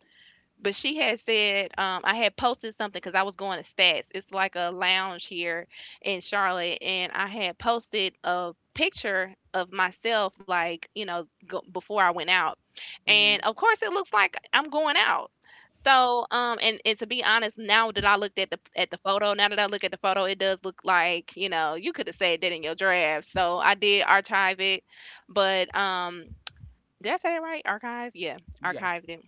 [SPEAKER 2] But she had said, um, I had posted something because I was going to Stats. It's like a lounge here in Charlotte, and I had posted a picture of myself, like you know, go, before I went out,
[SPEAKER 1] Hmm.
[SPEAKER 2] and of course it looks like I'm going out. So, um, and, and to be honest, now that I looked at the at the photo, now that I look at the photo, it does look like you know you could have said that in your draft. So I did archive it, but um, did I say that right? Archive, yeah,
[SPEAKER 1] Yes,
[SPEAKER 2] archived it.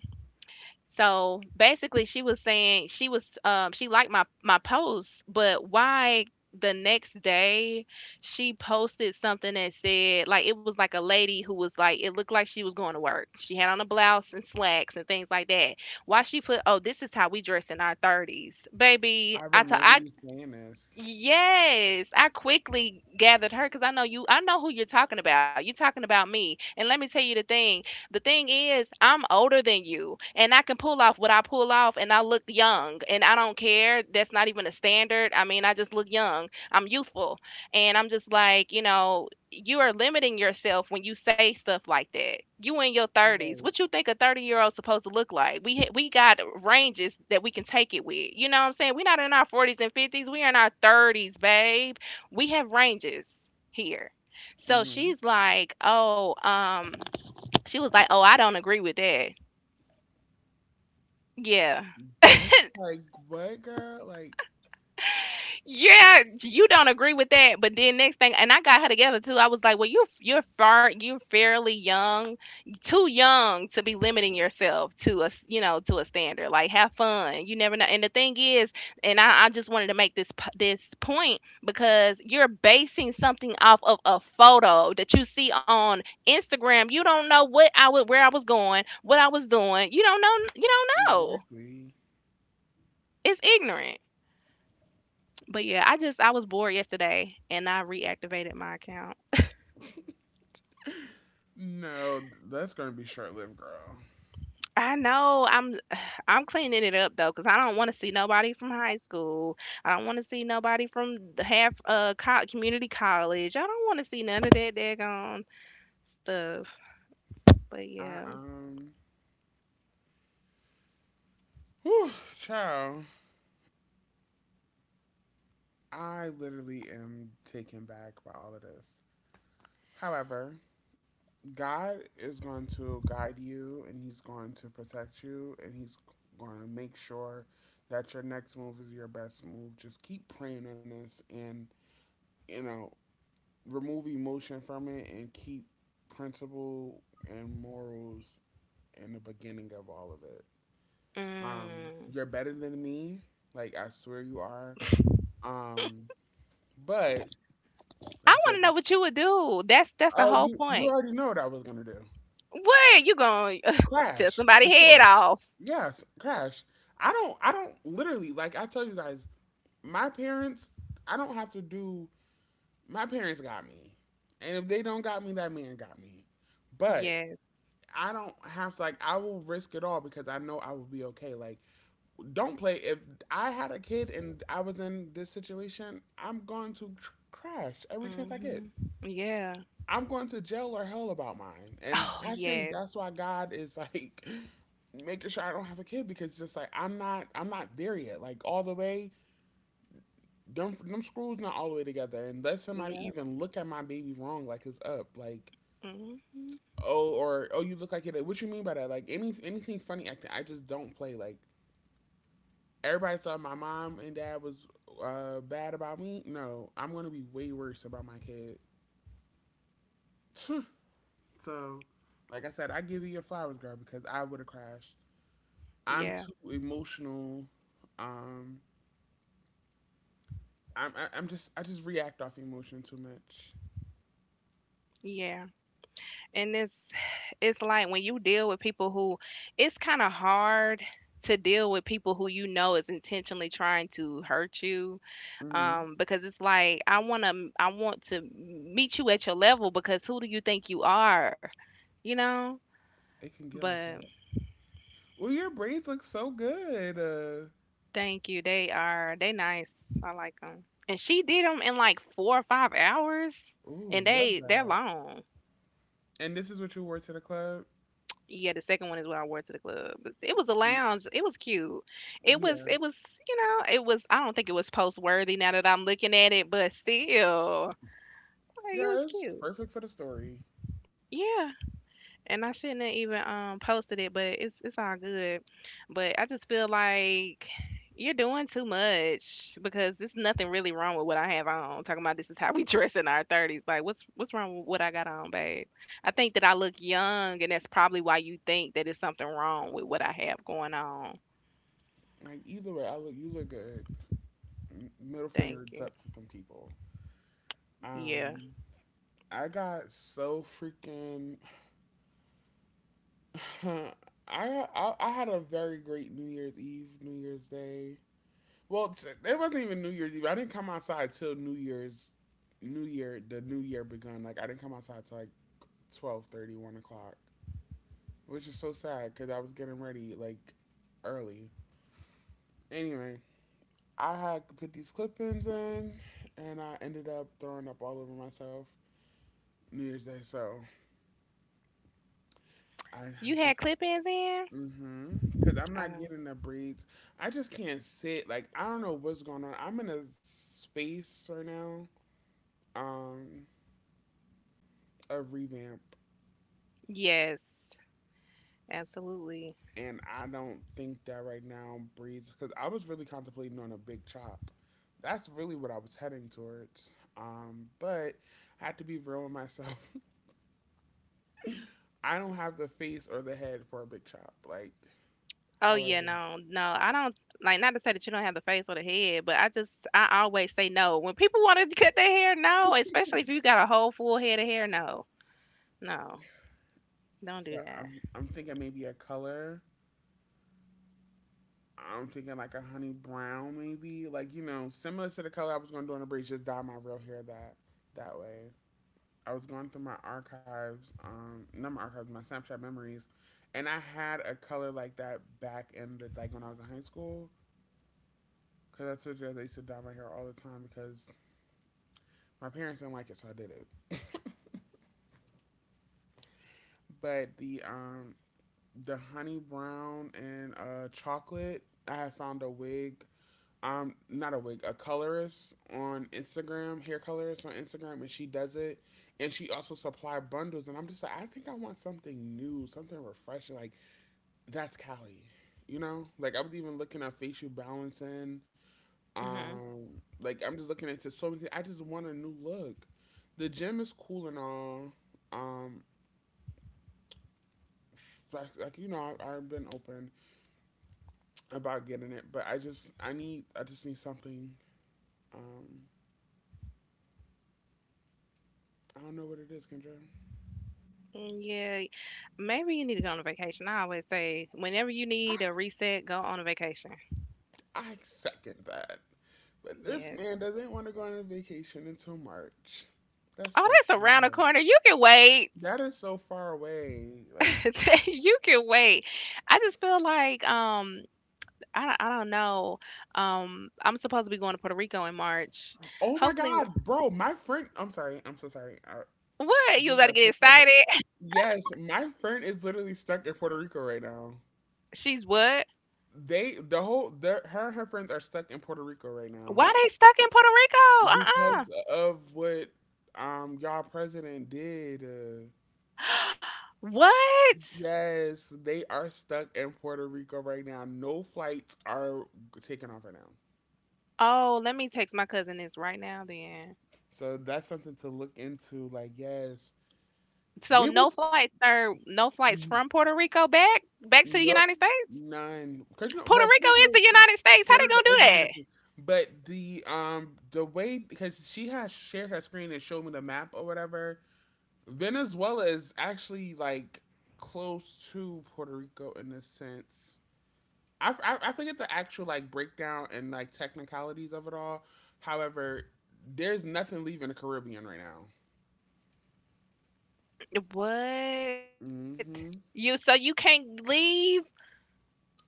[SPEAKER 2] So basically, she was saying she was um she liked my my post. But why the next day she posted something that said, like, it was like a lady who was like it looked like she was going to work. She had on a blouse and slacks and things like that. Why she put, oh, this is how we dress in our thirties. Baby,
[SPEAKER 1] I
[SPEAKER 2] I t-
[SPEAKER 1] remember
[SPEAKER 2] I
[SPEAKER 1] you saying this.
[SPEAKER 2] Yes, I quickly gathered her because I know you. I know who you're talking about. You're talking about me. And let me tell you the thing. The thing is, I'm older than you, and I can pull off what I pull off, and I look young, and I don't care. That's not even a standard. I mean, I just look young. I'm youthful, and I'm just like, you know, you are limiting yourself when you say stuff like that. You in your thirties. What
[SPEAKER 1] Right.
[SPEAKER 2] you think a thirty-year-old supposed to look like? We ha- we got ranges that we can take it with. You know what I'm saying? We're not in our forties and fifties. We're in our thirties, babe. We have ranges here. So
[SPEAKER 1] Hmm.
[SPEAKER 2] she's like, "Oh, um "she was like, oh, I don't agree with that." Yeah.
[SPEAKER 1] But it's like, what, girl? Like,
[SPEAKER 2] Yeah, you don't agree with that. But then next thing, and I got her together too. I was like, well, you're you're far, you're fairly young, too young to be limiting yourself to a s- you know to a standard. Like, have fun. You never know. And the thing is, and I, I just wanted to make this p- this point because you're basing something off of a photo that you see on Instagram. You don't know what I would, where I was going, what I was doing. You don't know. You don't know.
[SPEAKER 1] exactly.
[SPEAKER 2] It's ignorant. But yeah, I just I was bored yesterday and I reactivated my account.
[SPEAKER 1] No, th- that's gonna be short lived, girl.
[SPEAKER 2] I know. I'm I'm cleaning it up though, 'cause I don't want to see nobody from high school. I don't want to see nobody from the half uh co- community college. I don't want to see none of that daggone stuff. But
[SPEAKER 1] I
[SPEAKER 2] yeah.
[SPEAKER 1] um, Whew, child. I literally am taken back by all of this. However, God is going to guide you, and He's going to protect you, and He's going to make sure that your next move is your best move. Just keep praying on this and, you know, remove emotion from it and keep principle and morals in the beginning of all of it. Um,
[SPEAKER 2] Mm.
[SPEAKER 1] you're better than me. Like, I swear you are. Um, but,
[SPEAKER 2] I
[SPEAKER 1] like I
[SPEAKER 2] want
[SPEAKER 1] said,
[SPEAKER 2] to know what you would do. That's that's the
[SPEAKER 1] oh,
[SPEAKER 2] whole
[SPEAKER 1] you, you
[SPEAKER 2] point.
[SPEAKER 1] already know what I was going to do.
[SPEAKER 2] What you gonna tell
[SPEAKER 1] Crash,
[SPEAKER 2] somebody
[SPEAKER 1] for
[SPEAKER 2] head
[SPEAKER 1] sure.
[SPEAKER 2] off?
[SPEAKER 1] Yes, Crash. I don't I don't literally like I tell you guys, my parents, I don't have to do my parents got me. And if they don't got me, that man got me. But
[SPEAKER 2] Yes.
[SPEAKER 1] I don't have to like I will risk it all because I know I will be okay. Like don't play if I had a kid and I was in this situation, I'm going to tr- crash every chance I get.
[SPEAKER 2] Hmm. Yeah.
[SPEAKER 1] I'm going to jail or hell about mine. And
[SPEAKER 2] Oh
[SPEAKER 1] I think
[SPEAKER 2] yes.
[SPEAKER 1] that's why God is like making sure I don't have a kid because it's just like I'm not I'm not there yet. Like all the way them them screws not all the way together. And let somebody
[SPEAKER 2] Yep.
[SPEAKER 1] even look at my baby wrong like it's up. Like
[SPEAKER 2] Hmm.
[SPEAKER 1] oh or oh you look like it. What you mean by that? Like any anything funny acting. I just don't play. Like everybody thought my mom and dad was uh bad about me. No, I'm gonna be way worse about my kid. So, like I said, I give you your flowers, girl, because I would have crashed. I'm
[SPEAKER 2] Yeah.
[SPEAKER 1] too emotional. Um, I'm I, I'm just I just react off emotion too much.
[SPEAKER 2] Yeah. And it's it's like when you deal with people who it's kind of hard to deal with people who you know is intentionally trying to hurt you,
[SPEAKER 1] Hmm.
[SPEAKER 2] um because it's like I want to I want to meet you at your level because who do you think you are? You know?
[SPEAKER 1] It can get like
[SPEAKER 2] But
[SPEAKER 1] that. Well, your braids look so good. Uh,
[SPEAKER 2] thank you. They are they nice. I like them. And she did them in like four or five hours
[SPEAKER 1] ooh,
[SPEAKER 2] and
[SPEAKER 1] love
[SPEAKER 2] they they're
[SPEAKER 1] that.
[SPEAKER 2] long.
[SPEAKER 1] And this is what you wore to the club.
[SPEAKER 2] Yeah, the second one is what I wore to the club. It was a
[SPEAKER 1] You,
[SPEAKER 2] lounge. It was cute. It was
[SPEAKER 1] yeah,
[SPEAKER 2] it was, you know, it was I don't think it was post worthy now that I'm looking at it, but still, like it was
[SPEAKER 1] yeah, it's
[SPEAKER 2] cute.
[SPEAKER 1] perfect for the story.
[SPEAKER 2] Yeah. And I shouldn't have even um posted it, but it's it's all good. But I just feel like you're doing too much because there's nothing really wrong with what I have on. Talking about, "This is how we dress in our thirties." Like what's what's wrong with what I got on, babe? I think that I look young, and that's probably why you think that it's something wrong with what I have going on.
[SPEAKER 1] Like either way, I look you look good. M- Middle
[SPEAKER 2] Thank
[SPEAKER 1] fingers
[SPEAKER 2] you.
[SPEAKER 1] up to them people.
[SPEAKER 2] Yeah.
[SPEAKER 1] Um, I got so freaking I, I I had a very great New Year's Eve, New Year's Day. Well, t- it wasn't even New Year's Eve. I didn't come outside till New Year's, New Year, the New Year begun. Like I didn't come outside till like twelve thirty, one o'clock, which is so sad because I was getting ready like early. Anyway, I had put these clip-ins in, and I ended up throwing up all over myself New Year's Day. So I
[SPEAKER 2] You had
[SPEAKER 1] just
[SPEAKER 2] clip ins in?
[SPEAKER 1] Mm-hmm. Cause I'm not
[SPEAKER 2] Um
[SPEAKER 1] getting the breeds. I just can't sit. Like I don't know what's going on. I'm in a space right now, um, of revamp,
[SPEAKER 2] yes. Absolutely.
[SPEAKER 1] and I don't think that right now breeds. Cause I was really contemplating on a big chop. That's really what I was heading towards. Um, but I had to be real with myself. I don't have the face or the head for a big chop. Like,
[SPEAKER 2] Oh yeah,
[SPEAKER 1] however,
[SPEAKER 2] no, no. I don't like Not to say that you don't have the face or the head, but I just I always say no. When people want to cut their hair, no. Especially if you got a whole full head of hair, no. No. Don't do
[SPEAKER 1] so
[SPEAKER 2] that.
[SPEAKER 1] I'm I'm thinking maybe a color. I'm thinking like a honey brown, maybe, like, you know, similar to the color I was gonna do on the breeze. Just dye my real hair that that way. I was going through my archives, um, not my archives, my Snapchat memories, and I had a color like that back in the, like, when I was in high school. Cause I told you guys I used to dye my hair all the time because my parents didn't like it, so I did it. But the um the honey brown and uh chocolate, I had found a wig. Um, not a wig, a colorist on Instagram, hair colorist on Instagram, and she does it. And she also supply bundles, and I'm just like, I think I want something new, something refreshing. Like, that's Cali, you know. Like, I was even looking at facial balancing.
[SPEAKER 2] Hmm
[SPEAKER 1] Um, like, I'm just looking into so many things. I just want a new look. The gym is cool and all. Um, like, like you know, I, I've been open about getting it, but I just I need I just need something. Um, I don't know what it is, Kendra.
[SPEAKER 2] Yeah. Maybe you need to go on a vacation. I always say whenever you
[SPEAKER 1] I,
[SPEAKER 2] need a reset, go on a vacation.
[SPEAKER 1] I second that. But this
[SPEAKER 2] Yeah.
[SPEAKER 1] man doesn't want to go on a vacation until March. That's
[SPEAKER 2] Oh,
[SPEAKER 1] so
[SPEAKER 2] that's around
[SPEAKER 1] far
[SPEAKER 2] the
[SPEAKER 1] away.
[SPEAKER 2] corner. You can wait.
[SPEAKER 1] That is so far away. Like,
[SPEAKER 2] You can wait. I just feel like um I don't I don't know. Um, I'm supposed to be going to Puerto Rico in March.
[SPEAKER 1] oh my
[SPEAKER 2] Hopefully.
[SPEAKER 1] God, bro, my friend, I'm sorry. I'm so sorry. I
[SPEAKER 2] What? You
[SPEAKER 1] just
[SPEAKER 2] about to
[SPEAKER 1] got
[SPEAKER 2] get
[SPEAKER 1] so excited.
[SPEAKER 2] excited?
[SPEAKER 1] Yes, my friend is literally stuck in Puerto Rico right now.
[SPEAKER 2] She's what?
[SPEAKER 1] They, the whole, their, her and her friends are stuck in Puerto Rico right now
[SPEAKER 2] Why they stuck in Puerto Rico? Uh-uh.
[SPEAKER 1] because of what um y'all president did. Uh,
[SPEAKER 2] What?
[SPEAKER 1] Yes, they are stuck in Puerto Rico right now. No flights are taking off right now.
[SPEAKER 2] Oh, let me text my cousin this right now then.
[SPEAKER 1] So that's something to look into. Like, yes,
[SPEAKER 2] So
[SPEAKER 1] we
[SPEAKER 2] no
[SPEAKER 1] was,
[SPEAKER 2] flights are no flights from
[SPEAKER 1] n-
[SPEAKER 2] Puerto Rico back back to the
[SPEAKER 1] no,
[SPEAKER 2] United States?
[SPEAKER 1] none because, you know,
[SPEAKER 2] Puerto
[SPEAKER 1] well,
[SPEAKER 2] Rico
[SPEAKER 1] Puerto
[SPEAKER 2] is the
[SPEAKER 1] Rico,
[SPEAKER 2] United States. How
[SPEAKER 1] Puerto
[SPEAKER 2] they
[SPEAKER 1] Rico is
[SPEAKER 2] gonna
[SPEAKER 1] United, but the um the way, because she has shared her screen and showed me the map or whatever. Venezuela is actually, like, close to Puerto Rico in a sense. I, I, I forget the actual, like, breakdown and, like, technicalities of it all. However, there's nothing leaving the Caribbean right now.
[SPEAKER 2] do that? What?
[SPEAKER 1] Mm-hmm.
[SPEAKER 2] You so you can't leave?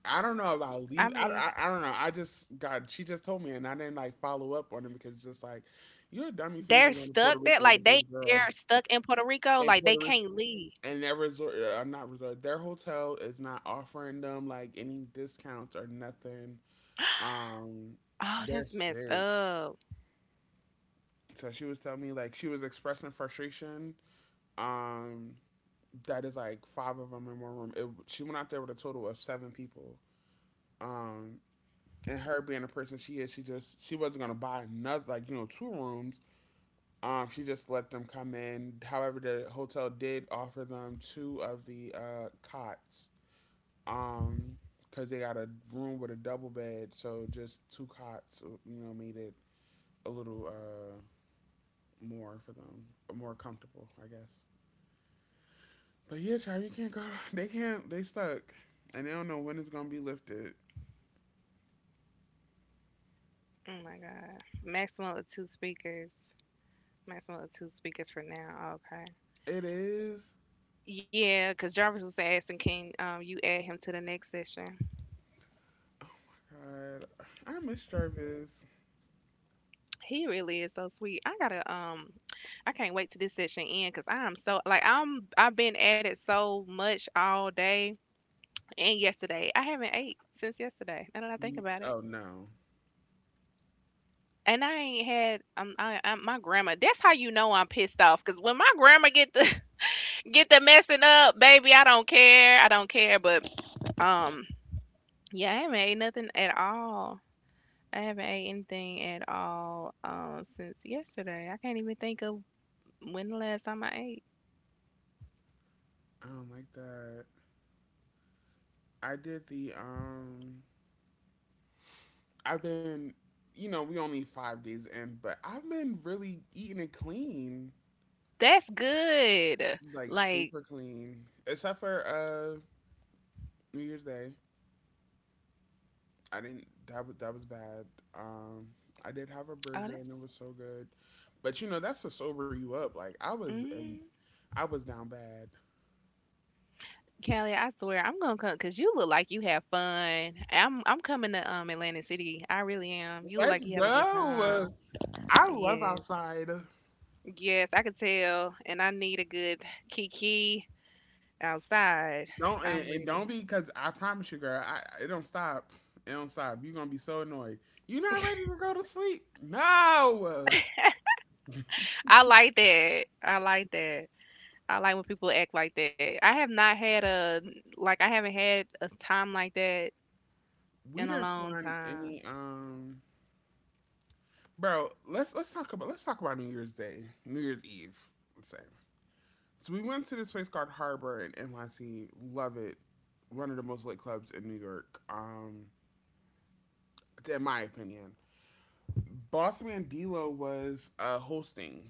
[SPEAKER 1] I don't know if I'll
[SPEAKER 2] I
[SPEAKER 1] leave. I,
[SPEAKER 2] mean,
[SPEAKER 1] I, I don't know. I just, God, she just told me and I didn't, like, follow up on it because it's just like, you're a dummy for
[SPEAKER 2] they're
[SPEAKER 1] even going to Puerto
[SPEAKER 2] stuck there?
[SPEAKER 1] Rico with
[SPEAKER 2] Like, they
[SPEAKER 1] those
[SPEAKER 2] they're
[SPEAKER 1] girls.
[SPEAKER 2] stuck in Puerto Rico?
[SPEAKER 1] And
[SPEAKER 2] Like,
[SPEAKER 1] Puerto
[SPEAKER 2] they
[SPEAKER 1] Rico,
[SPEAKER 2] can't leave?
[SPEAKER 1] and their resort, uh, uh, not resort, their hotel is not offering them, like, any discounts or nothing. Um,
[SPEAKER 2] Oh,
[SPEAKER 1] They're
[SPEAKER 2] that's
[SPEAKER 1] sick.
[SPEAKER 2] messed up.
[SPEAKER 1] So she was telling me, like, she was expressing frustration. Um, that is like five of them in one room. It, she went out there with a total of seven people. Um, and her being the person she is, she just she wasn't gonna buy another, like, you know, two rooms. Um, she just let them come in. However, the hotel did offer them two of the uh, cots. Um, Cause they got a room with a double bed, so just two cots, you know, made it a little uh more for them, more comfortable, I guess. But yeah, child, you can't go. They can't. They stuck, and they don't know when it's gonna be lifted.
[SPEAKER 2] Oh my God. Maximum of two speakers. Maximum of two speakers for now. Okay.
[SPEAKER 1] It is.
[SPEAKER 2] Yeah, because Jarvis was asking, can um you add him to the next session?
[SPEAKER 1] God, I miss Jarvis.
[SPEAKER 2] He really is so sweet. I gotta um, I can't wait till this session end because I'm so like I'm I've been at it so much all day and yesterday. I haven't ate since yesterday, now that I think
[SPEAKER 1] Mm.
[SPEAKER 2] about it.
[SPEAKER 1] Oh no,
[SPEAKER 2] And I ain't had um I, I my grandma. That's how you know I'm pissed off. Cause when my grandma get the get the messing up, baby, I don't care. I don't care. But um, yeah, I haven't ate nothing at all. I haven't ate anything at all um since yesterday. I can't even think of when the last time I ate.
[SPEAKER 1] I don't like that. I did the um. I've been, you know, we only five days in, but I've been really eating it clean,
[SPEAKER 2] That's good.
[SPEAKER 1] like
[SPEAKER 2] Like
[SPEAKER 1] super clean, except for uh New Year's Day. I didn't. That was, that was bad. Um, I did have a
[SPEAKER 2] oh,
[SPEAKER 1] burger and it
[SPEAKER 2] that's.
[SPEAKER 1] was so good, but you know that's to sober you up. Like, I was, and
[SPEAKER 2] Mm.
[SPEAKER 1] I was down bad.
[SPEAKER 2] Callie, I swear I'm gonna come because you look like you have fun. I'm I'm coming to um Atlantic City. I really am. You look like
[SPEAKER 1] Let's
[SPEAKER 2] you have a good
[SPEAKER 1] go.
[SPEAKER 2] time.
[SPEAKER 1] I love
[SPEAKER 2] Yes,
[SPEAKER 1] outside.
[SPEAKER 2] yes, I could tell, and I need a good kiki outside.
[SPEAKER 1] Don't, and,
[SPEAKER 2] I'm
[SPEAKER 1] and don't
[SPEAKER 2] ready.
[SPEAKER 1] be, because I promise you, girl. I It don't stop. It don't stop. You're gonna be so annoyed. You're not ready to go to sleep. No,
[SPEAKER 2] I like that. I like that. I like when people act like that. I have not had a Like I haven't had a time like that
[SPEAKER 1] we
[SPEAKER 2] in a
[SPEAKER 1] didn't
[SPEAKER 2] long
[SPEAKER 1] sign any.
[SPEAKER 2] time.
[SPEAKER 1] Um, bro, let's let's talk about let's talk about New Year's Day, New Year's Eve. Let's say, so we went to this place called Harbor in N Y C. Love it. One of the most lit clubs in New York. Um, in my opinion, Boss Man D'Lo was uh, hosting,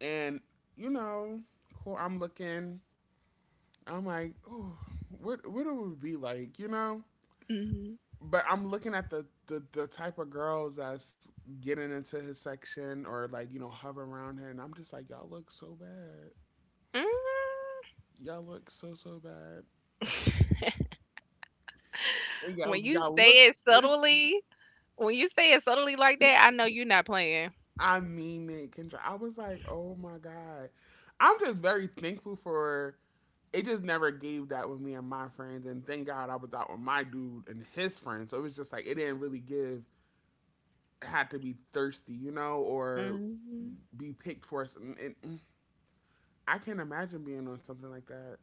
[SPEAKER 1] and, you know, cool. I'm looking. I'm like, oh, what what it would be like, you know?
[SPEAKER 2] Hmm
[SPEAKER 1] But I'm looking at the, the the type of girls that's getting into his section or, like, you know, hovering around him, and I'm just like, y'all look so bad.
[SPEAKER 2] hmm
[SPEAKER 1] Y'all look so so bad. Y'all
[SPEAKER 2] When you
[SPEAKER 1] y'all look
[SPEAKER 2] say it
[SPEAKER 1] thirsty.
[SPEAKER 2] subtly, when you say it subtly like that, I know you're not playing.
[SPEAKER 1] I mean it, Kendra. I was like, oh my God. I'm just very thankful for, it just never gave that with me and my friends, and thank God I was out with my dude and his friends. So it was just like it didn't really give, it had to be thirsty, you know, or
[SPEAKER 2] Hmm
[SPEAKER 1] be picked for us. And, and I can't imagine being on something like that.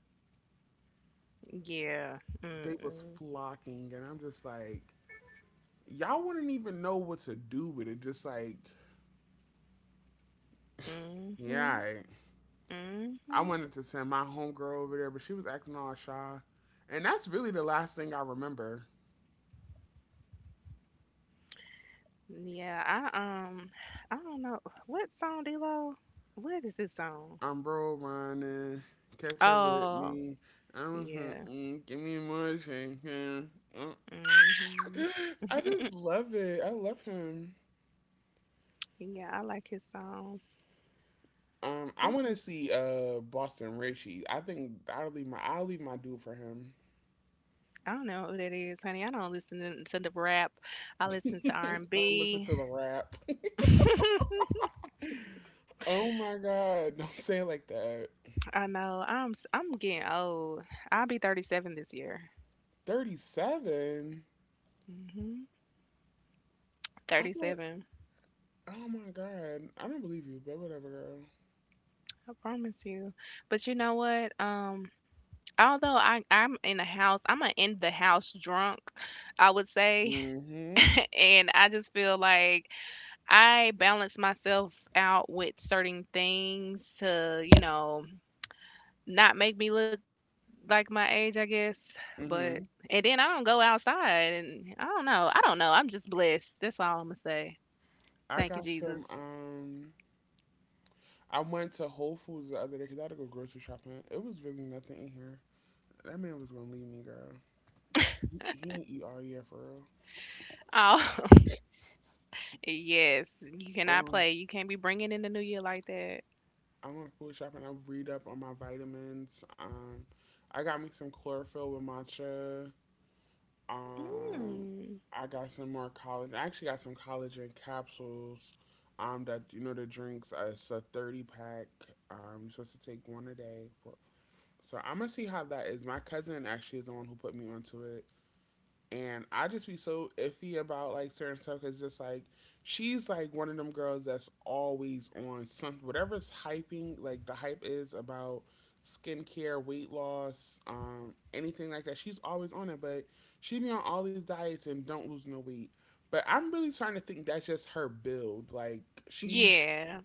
[SPEAKER 2] Yeah.
[SPEAKER 1] They was
[SPEAKER 2] Mm-mm.
[SPEAKER 1] flocking and I'm just like, y'all wouldn't even know what to do with it. Just like,
[SPEAKER 2] hmm
[SPEAKER 1] yeah, I
[SPEAKER 2] hmm
[SPEAKER 1] wanted to send my homegirl over there, but she was acting all shy. And that's really the last thing I remember.
[SPEAKER 2] Yeah, I um I don't know what song D-Lo. What is his song?
[SPEAKER 1] I'm, bro, running. Catch up with
[SPEAKER 2] Oh,
[SPEAKER 1] me. I'm, mm,
[SPEAKER 2] yeah.
[SPEAKER 1] mm, give me more shake, mm, mm.
[SPEAKER 2] Mhm.
[SPEAKER 1] I just love it. I love him.
[SPEAKER 2] Yeah, I like his songs.
[SPEAKER 1] Um, I
[SPEAKER 2] This
[SPEAKER 1] want
[SPEAKER 2] is,
[SPEAKER 1] to see uh Boston Richie. I think I'll leave my I'll leave my dude for him.
[SPEAKER 2] I don't know who that is, honey. I don't listen to the rap. I listen to r
[SPEAKER 1] I
[SPEAKER 2] and
[SPEAKER 1] don't listen
[SPEAKER 2] B.
[SPEAKER 1] to the rap. Oh my God! Don't say it like that.
[SPEAKER 2] I know I'm s- I'm getting old. I'll be thirty-seven this year.
[SPEAKER 1] Thirty seven.
[SPEAKER 2] Mhm.
[SPEAKER 1] I feel.
[SPEAKER 2] thirty-seven.
[SPEAKER 1] Oh my God, I don't believe you, but whatever, girl.
[SPEAKER 2] I promise you. But you know what? Um although I I'm in the house, I'm a in the house drunk, I would say.
[SPEAKER 1] Mhm.
[SPEAKER 2] And I just feel like I balance myself out with certain things to, you know, not make me look like my age, I guess. But
[SPEAKER 1] Mhm.
[SPEAKER 2] and then I don't go outside and I don't know. I don't know. I'm just blessed. That's all I'm gonna say.
[SPEAKER 1] I
[SPEAKER 2] Thank you,
[SPEAKER 1] got
[SPEAKER 2] Jesus.
[SPEAKER 1] some. Um, I went to Whole Foods the other day because I had to go grocery shopping. It was really nothing in here. That man was gonna leave me, girl. He, he didn't eat all year for real.
[SPEAKER 2] Oh yes. You cannot
[SPEAKER 1] Um,
[SPEAKER 2] play. You can't be bringing in the new year like that.
[SPEAKER 1] I went food shopping. I read up on my vitamins. Um, I got me some chlorophyll with matcha. Um,
[SPEAKER 2] Mm.
[SPEAKER 1] I got some more collagen. I actually got some collagen capsules. Um, that you know, the drinks. Uh, it's a thirty pack. Um, you're supposed to take one a day. For, so I'm gonna see how that is. My cousin actually is the one who put me onto it, and I just be so iffy about, like, certain stuff because, just like, she's like one of them girls that's always on something, whatever's hyping, like, the hype is about skincare, weight loss, um, anything like that. She's always on it, but she be on all these diets and don't lose no weight. But I'm really starting to think that's just her build. Like, she's,
[SPEAKER 2] Yeah.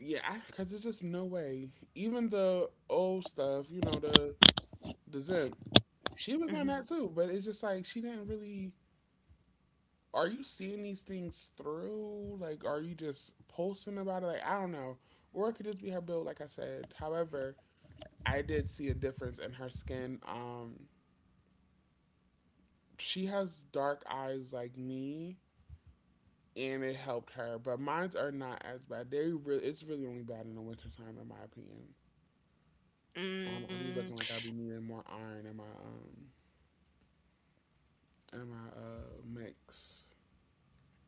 [SPEAKER 1] yeah, because there's just no way. Even the old stuff, you know, the the zimp. She was on that
[SPEAKER 2] Mm.
[SPEAKER 1] too. But it's just like, she didn't really, are you seeing these things through? Like, are you just posting about it? Like, I don't know. Or it could just be her build, like I said. However, I did see a difference in her skin. Um, she has dark eyes like me, and it helped her. But mines are not as bad. They really, it's really only bad in the wintertime, in my opinion. Um, I'll
[SPEAKER 2] Mm.
[SPEAKER 1] be looking like I'll be needing more iron in my um in my uh mix.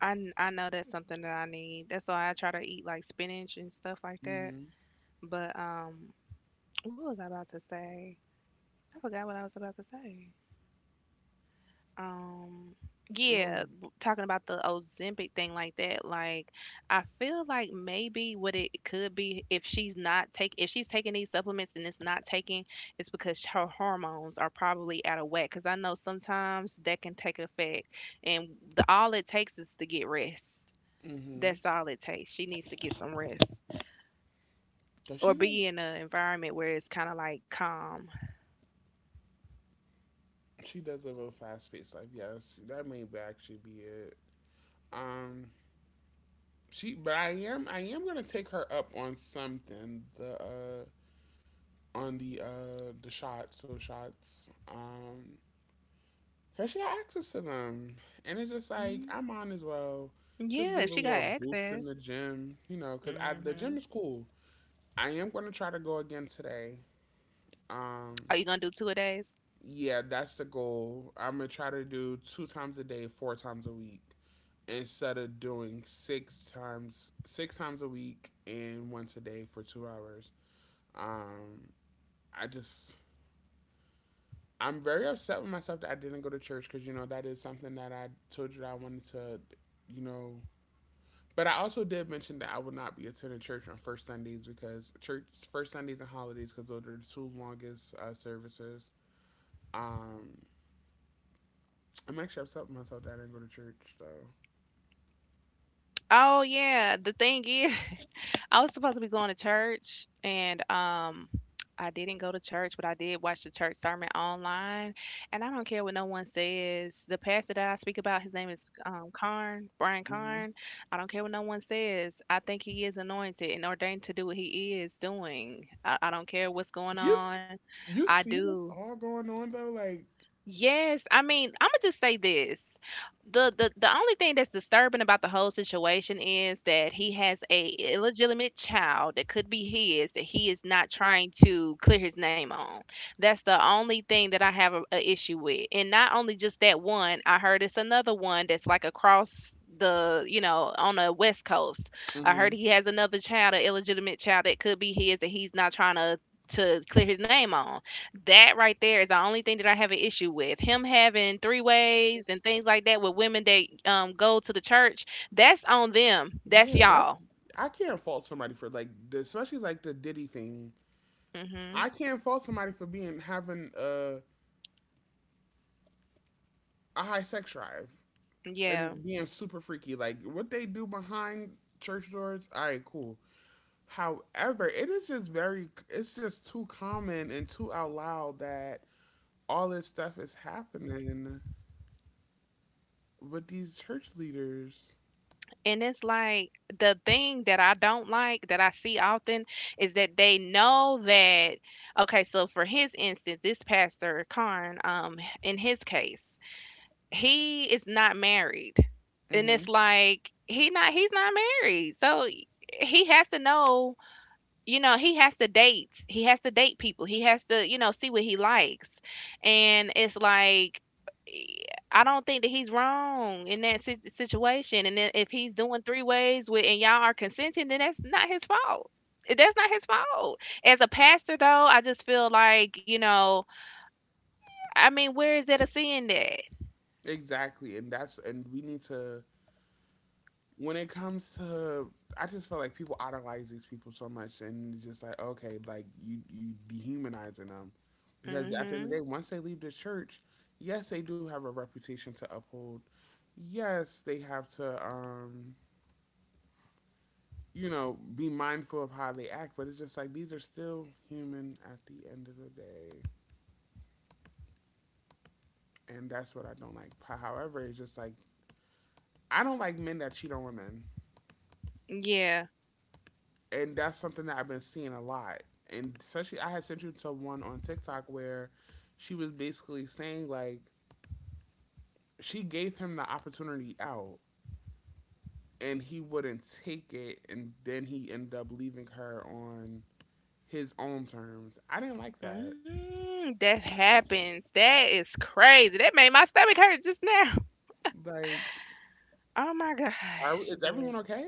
[SPEAKER 2] I, kn- I know that's something that I need. That's why I try to eat like spinach and stuff like that.
[SPEAKER 1] Mm-hmm.
[SPEAKER 2] But um, what was I about to say? I forgot what I was about to say. Um,
[SPEAKER 1] Or
[SPEAKER 2] yeah, w- talking about the Ozempic thing like that. Like, I feel like maybe what it could be, if she's not take if she's taking these supplements and it's not taking, it's because her hormones are probably out of whack. Because I know sometimes that can take effect, and the all it takes is to get rest.
[SPEAKER 1] mm-hmm.
[SPEAKER 2] That's all it takes. She needs to get some rest
[SPEAKER 1] Cause she's
[SPEAKER 2] or
[SPEAKER 1] like,
[SPEAKER 2] be in an environment where it's kind of like calm.
[SPEAKER 1] she does live a fast paced life. Yes, that may actually be it. Um, she, but I am, I am gonna take her up on something. The uh, On the uh, the shots, those shots. Um, cause she got access to them, and it's just like, I might as well just give
[SPEAKER 2] Yeah,
[SPEAKER 1] her a
[SPEAKER 2] if she got
[SPEAKER 1] little boost in
[SPEAKER 2] access.
[SPEAKER 1] the gym, you know. Cause I, the gym is
[SPEAKER 2] Hmm
[SPEAKER 1] cool. I am gonna try to go again today.
[SPEAKER 2] Are you
[SPEAKER 1] Um,
[SPEAKER 2] gonna do two a days?
[SPEAKER 1] yeah, that's the goal. I'm gonna try to do two times a day, four times a week, instead of doing six times six times a week and once a day for two hours. Um, I just I'm very upset with myself that I didn't go to church because, you know, that is something that I told you that I wanted to, you know. But I also did mention that I would not be attending church on first Sundays, because church first Sundays and holidays, because those are the two longest uh, services. Um, I'm actually upset with myself that I didn't go to church though.
[SPEAKER 2] Oh yeah. The thing is, I was supposed to be going to church, and um, I didn't go to church, but I did watch the church sermon online. And I don't care what no one says. The pastor that I speak about, his name is um Karn, Brian
[SPEAKER 1] Mm-hmm.
[SPEAKER 2] Karn. I don't care what no one says. I think he is anointed and ordained to do what he is doing. I, I don't care what's going
[SPEAKER 1] You
[SPEAKER 2] on.
[SPEAKER 1] you
[SPEAKER 2] I
[SPEAKER 1] see what's
[SPEAKER 2] do.
[SPEAKER 1] all going on though, like.
[SPEAKER 2] Yes, I mean, I'm gonna just say this. The, the the only thing that's disturbing about the whole situation is that he has a illegitimate child that could be his that he is not trying to clear his name on. That's the only thing that I have a, a issue with. And not only just that one, I heard it's another one that's like across the, you know, on the West Coast. I
[SPEAKER 1] Mm-hmm.
[SPEAKER 2] heard he has another child, an illegitimate child that could be his that he's not trying to to clear his name on. That right there is the only thing that I have an issue with. Him having three ways and things like that with women that um go to the church, that's on them. That's
[SPEAKER 1] Yeah,
[SPEAKER 2] y'all.
[SPEAKER 1] that's, I can't fault somebody for, like, the, especially like the Diddy thing. I
[SPEAKER 2] Hmm
[SPEAKER 1] can't fault somebody for being having a a high sex drive
[SPEAKER 2] Yeah.
[SPEAKER 1] and being super freaky. Like what they do behind church doors, all right, cool. However, it is just very it's just too common and too out loud that all this stuff is happening with these church leaders.
[SPEAKER 2] And it's like the thing that I don't like that I see often is that they know that, okay, so for his instance, this pastor Karn, um, in his case, he is not married. And
[SPEAKER 1] Hmm.
[SPEAKER 2] it's like he not he's not married. So he has to know, you know, he has to date, he has to date people, he has to, you know, see what he likes, and it's like, eh, I don't think that he's wrong in that si- situation. And then if he's doing three ways with and y'all are consenting, then that's not his fault. Eh, that's not his fault as a pastor though. I just feel like, you know, I mean, where is that a sin that
[SPEAKER 1] Exactly, and that's and we need to when it comes to I just feel like people idolize these people so much, and it's just like okay, like you you dehumanizing them because at the end of the
[SPEAKER 2] mm-hmm,
[SPEAKER 1] day, once they leave the church, yes, they do have a reputation to uphold. Yes, they have to. Um you know, be mindful of how they act, but it's just like these are still human at the end of the day. And that's what I don't like. However, it's just like I don't like men that cheat on women.
[SPEAKER 2] yeah,
[SPEAKER 1] And that's something that I've been seeing a lot. And especially I had sent you to one on TikTok where she was basically saying like she gave him the opportunity out and he wouldn't take it and then he ended up leaving her on his own terms. I didn't like that.
[SPEAKER 2] mm, that happens? That is crazy. That made my stomach hurt just now.
[SPEAKER 1] Like
[SPEAKER 2] Oh my
[SPEAKER 1] are is
[SPEAKER 2] gosh.
[SPEAKER 1] everyone
[SPEAKER 2] Yes.
[SPEAKER 1] okay?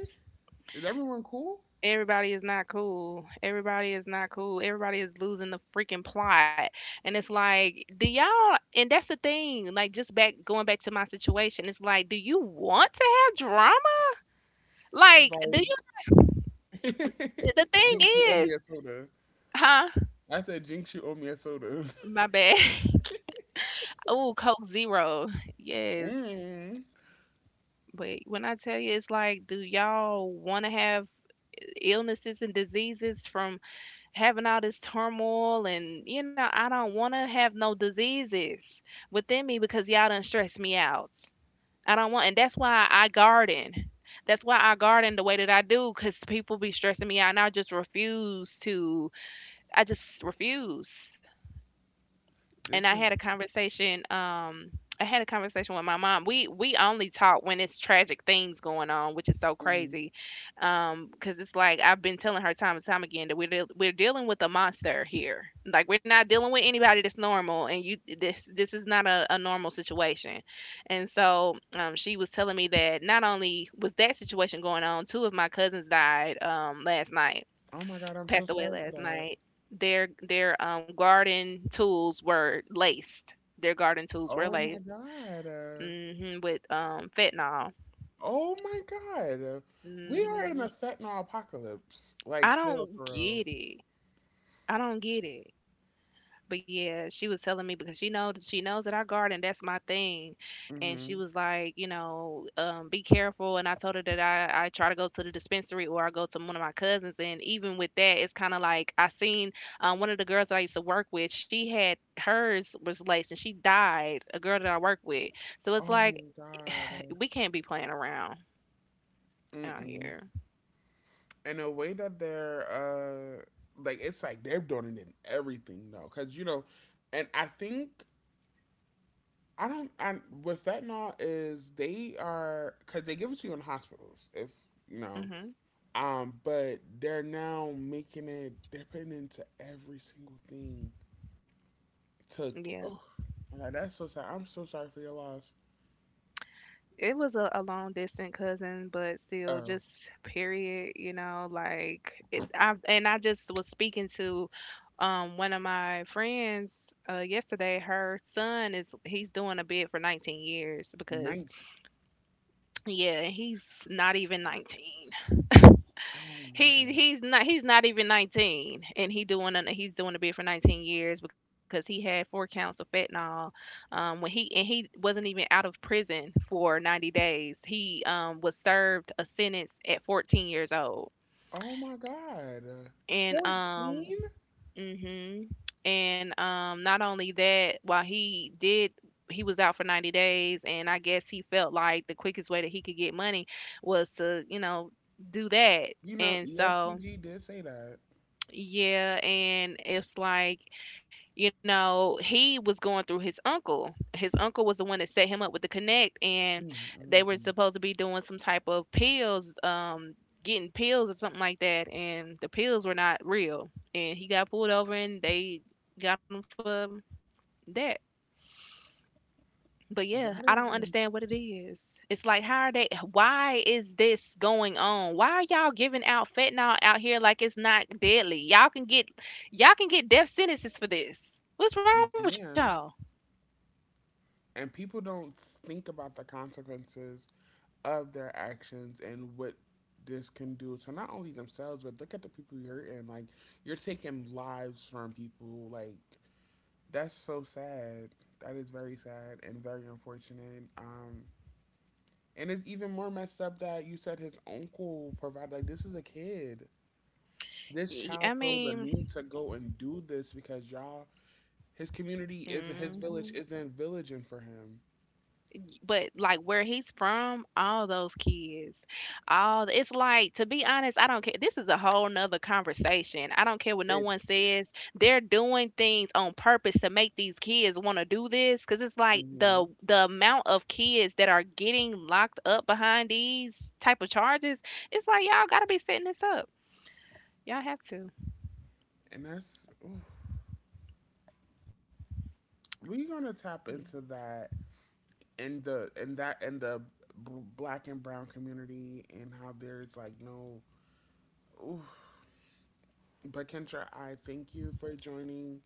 [SPEAKER 1] Is everyone cool?
[SPEAKER 2] Everybody is not cool. Everybody is not cool. Everybody is losing the freaking plot. And it's like, do y'all, and that's the thing, like just back, going back to my situation, it's like, do you want to have drama? Like, do you,
[SPEAKER 1] Like,
[SPEAKER 2] the thing
[SPEAKER 1] jinx, you owe
[SPEAKER 2] is,
[SPEAKER 1] me a soda.
[SPEAKER 2] huh?
[SPEAKER 1] I said, jinx, you owe me a soda.
[SPEAKER 2] My bad. Oh, Coke Zero. Yes.
[SPEAKER 1] Mm,
[SPEAKER 2] But when I tell you, it's like, do y'all want to have illnesses and diseases from having all this turmoil? And you know, I don't want to have no diseases within me because y'all done stressed me out. I don't want. And that's why I garden. That's why I garden the way that I do, because people be stressing me out and I just refuse to. I just refuse. And
[SPEAKER 1] this
[SPEAKER 2] I had a
[SPEAKER 1] is.
[SPEAKER 2] conversation. Um, I had a conversation with my mom. We we only talk when it's tragic things going on, which is so
[SPEAKER 1] Mhm.
[SPEAKER 2] crazy. Um, because it's like I've been telling her time and time again that we're deal we're dealing with a monster here. Like we're not dealing with anybody that's normal, and you this this is not a, a normal situation. And so, um, she was telling me that not only was that situation going on, two of my cousins died um last night,
[SPEAKER 1] Oh my god, I'm so
[SPEAKER 2] passed away
[SPEAKER 1] sorry for
[SPEAKER 2] last
[SPEAKER 1] that.
[SPEAKER 2] night. Their their um garden tools were laced. Their garden tools were
[SPEAKER 1] Oh my
[SPEAKER 2] laced
[SPEAKER 1] god. Uh,
[SPEAKER 2] hmm with um fentanyl.
[SPEAKER 1] oh my god. We are in a
[SPEAKER 2] Hmm
[SPEAKER 1] fentanyl apocalypse.
[SPEAKER 2] I
[SPEAKER 1] Like, for real,
[SPEAKER 2] don't
[SPEAKER 1] for
[SPEAKER 2] get it. I don't get it. But yeah, she was telling me because she knows, she knows that I garden, that's my thing.
[SPEAKER 1] real.
[SPEAKER 2] And
[SPEAKER 1] Hmm.
[SPEAKER 2] she was like, you know, um, be careful. And I told her that I, I try to go to the dispensary or I go to one of my cousins. And even with that, it's kind of like I seen um, one of the girls that I used to work with, she had hers was laced and she died, a girl that I work with. So it's
[SPEAKER 1] Oh
[SPEAKER 2] like
[SPEAKER 1] my god. Uh,
[SPEAKER 2] we can't be playing around out
[SPEAKER 1] mm-mm.
[SPEAKER 2] here.
[SPEAKER 1] In a way that they're, uh, like, it's like they're doing it in everything, though. Because, you know, and I think I don't. I with fentanyl is they are because they give it to you in hospitals if you know.
[SPEAKER 2] Hmm
[SPEAKER 1] Um, but they're now making it. They're putting it into every single thing. Took.
[SPEAKER 2] Yeah.
[SPEAKER 1] Oh, my god, that's so sad. I'm so sorry for your loss.
[SPEAKER 2] It was a, a long distant cousin, but still,
[SPEAKER 1] Oh,
[SPEAKER 2] just period, you know, like it. I and I just was speaking to um one of my friends uh yesterday. Her son is He's doing a bid for nineteen years because
[SPEAKER 1] night.
[SPEAKER 2] yeah, he's not even nineteen.
[SPEAKER 1] Oh my
[SPEAKER 2] He
[SPEAKER 1] god.
[SPEAKER 2] he's not he's not even nineteen and he doing an, he's doing a bid for nineteen years because he had four counts of fentanyl um when he and he wasn't even out of prison for ninety days. He um was served a sentence at fourteen years old.
[SPEAKER 1] Oh my god. Uh,
[SPEAKER 2] And um
[SPEAKER 1] fourteen.
[SPEAKER 2] mhm. And um not only that, while he did, he was out for ninety days and I guess he felt like the quickest way that he could get money was to, you know, do that.
[SPEAKER 1] You know,
[SPEAKER 2] And so,
[SPEAKER 1] E S C G did say that.
[SPEAKER 2] yeah, and it's like, you know, he was going through his uncle. His uncle was the one that set him up with the connect, and
[SPEAKER 1] Mm,
[SPEAKER 2] they
[SPEAKER 1] mm,
[SPEAKER 2] were
[SPEAKER 1] mm.
[SPEAKER 2] supposed to be doing some type of pills, um, getting pills or something like that, and the pills were not real. And he got pulled over and they got him for that. But yeah,
[SPEAKER 1] That
[SPEAKER 2] I
[SPEAKER 1] is.
[SPEAKER 2] don't understand
[SPEAKER 1] Ins-
[SPEAKER 2] what it is. It's like, how are they? Why is this going on? Why are y'all giving out fentanyl out here like it's not deadly? Y'all can get, y'all can get death sentences for this. What's
[SPEAKER 1] you
[SPEAKER 2] wrong with y'all?
[SPEAKER 1] can, and people don't think about the consequences of their actions and what this can do to not only themselves but look at the people you're hurting. Like you're taking lives from people. Like that's so sad. That is very sad and very unfortunate. Um, and it's even more messed up that you said his uncle provided. Like this is a kid. This
[SPEAKER 2] Y-
[SPEAKER 1] child
[SPEAKER 2] I
[SPEAKER 1] felt the
[SPEAKER 2] mean,
[SPEAKER 1] need to go and do this because y'all, his community is his
[SPEAKER 2] mhm.
[SPEAKER 1] village isn't villaging for him.
[SPEAKER 2] But like where he's from, all those kids, all it's like, to be honest, I don't care. This is a whole nother conversation. I don't care what no
[SPEAKER 1] It,
[SPEAKER 2] one
[SPEAKER 1] it
[SPEAKER 2] says. They're doing things on purpose to make these kids want to do this, because it's like
[SPEAKER 1] Mhm.
[SPEAKER 2] the the amount of kids that are getting locked up behind these type of charges. It's like y'all gotta be setting this up. Y'all have to.
[SPEAKER 1] And that's. Oof. We're gonna
[SPEAKER 2] But
[SPEAKER 1] tap
[SPEAKER 2] yeah.
[SPEAKER 1] into that in the in that in the black and brown community and how there's like no. Oof. But Kendra, I thank you for joining,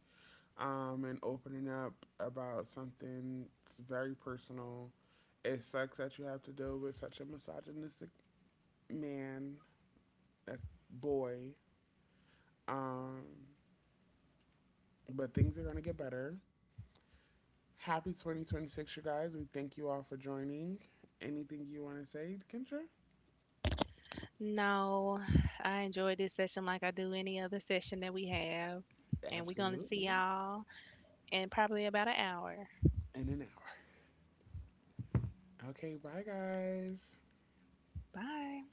[SPEAKER 1] um, and opening up about something that's very personal. It sucks that you have to deal with such a misogynistic man, that boy. Um, but things are gonna get better. Happy twenty twenty-six, you guys. We thank you all for joining. Anything you want to say, Kendra?
[SPEAKER 2] No, I enjoyed this session like I do any other session that we have, and we're gonna see
[SPEAKER 1] Absolutely.
[SPEAKER 2] y'all in probably about an hour.
[SPEAKER 1] In an hour. Okay, bye guys.
[SPEAKER 2] Bye.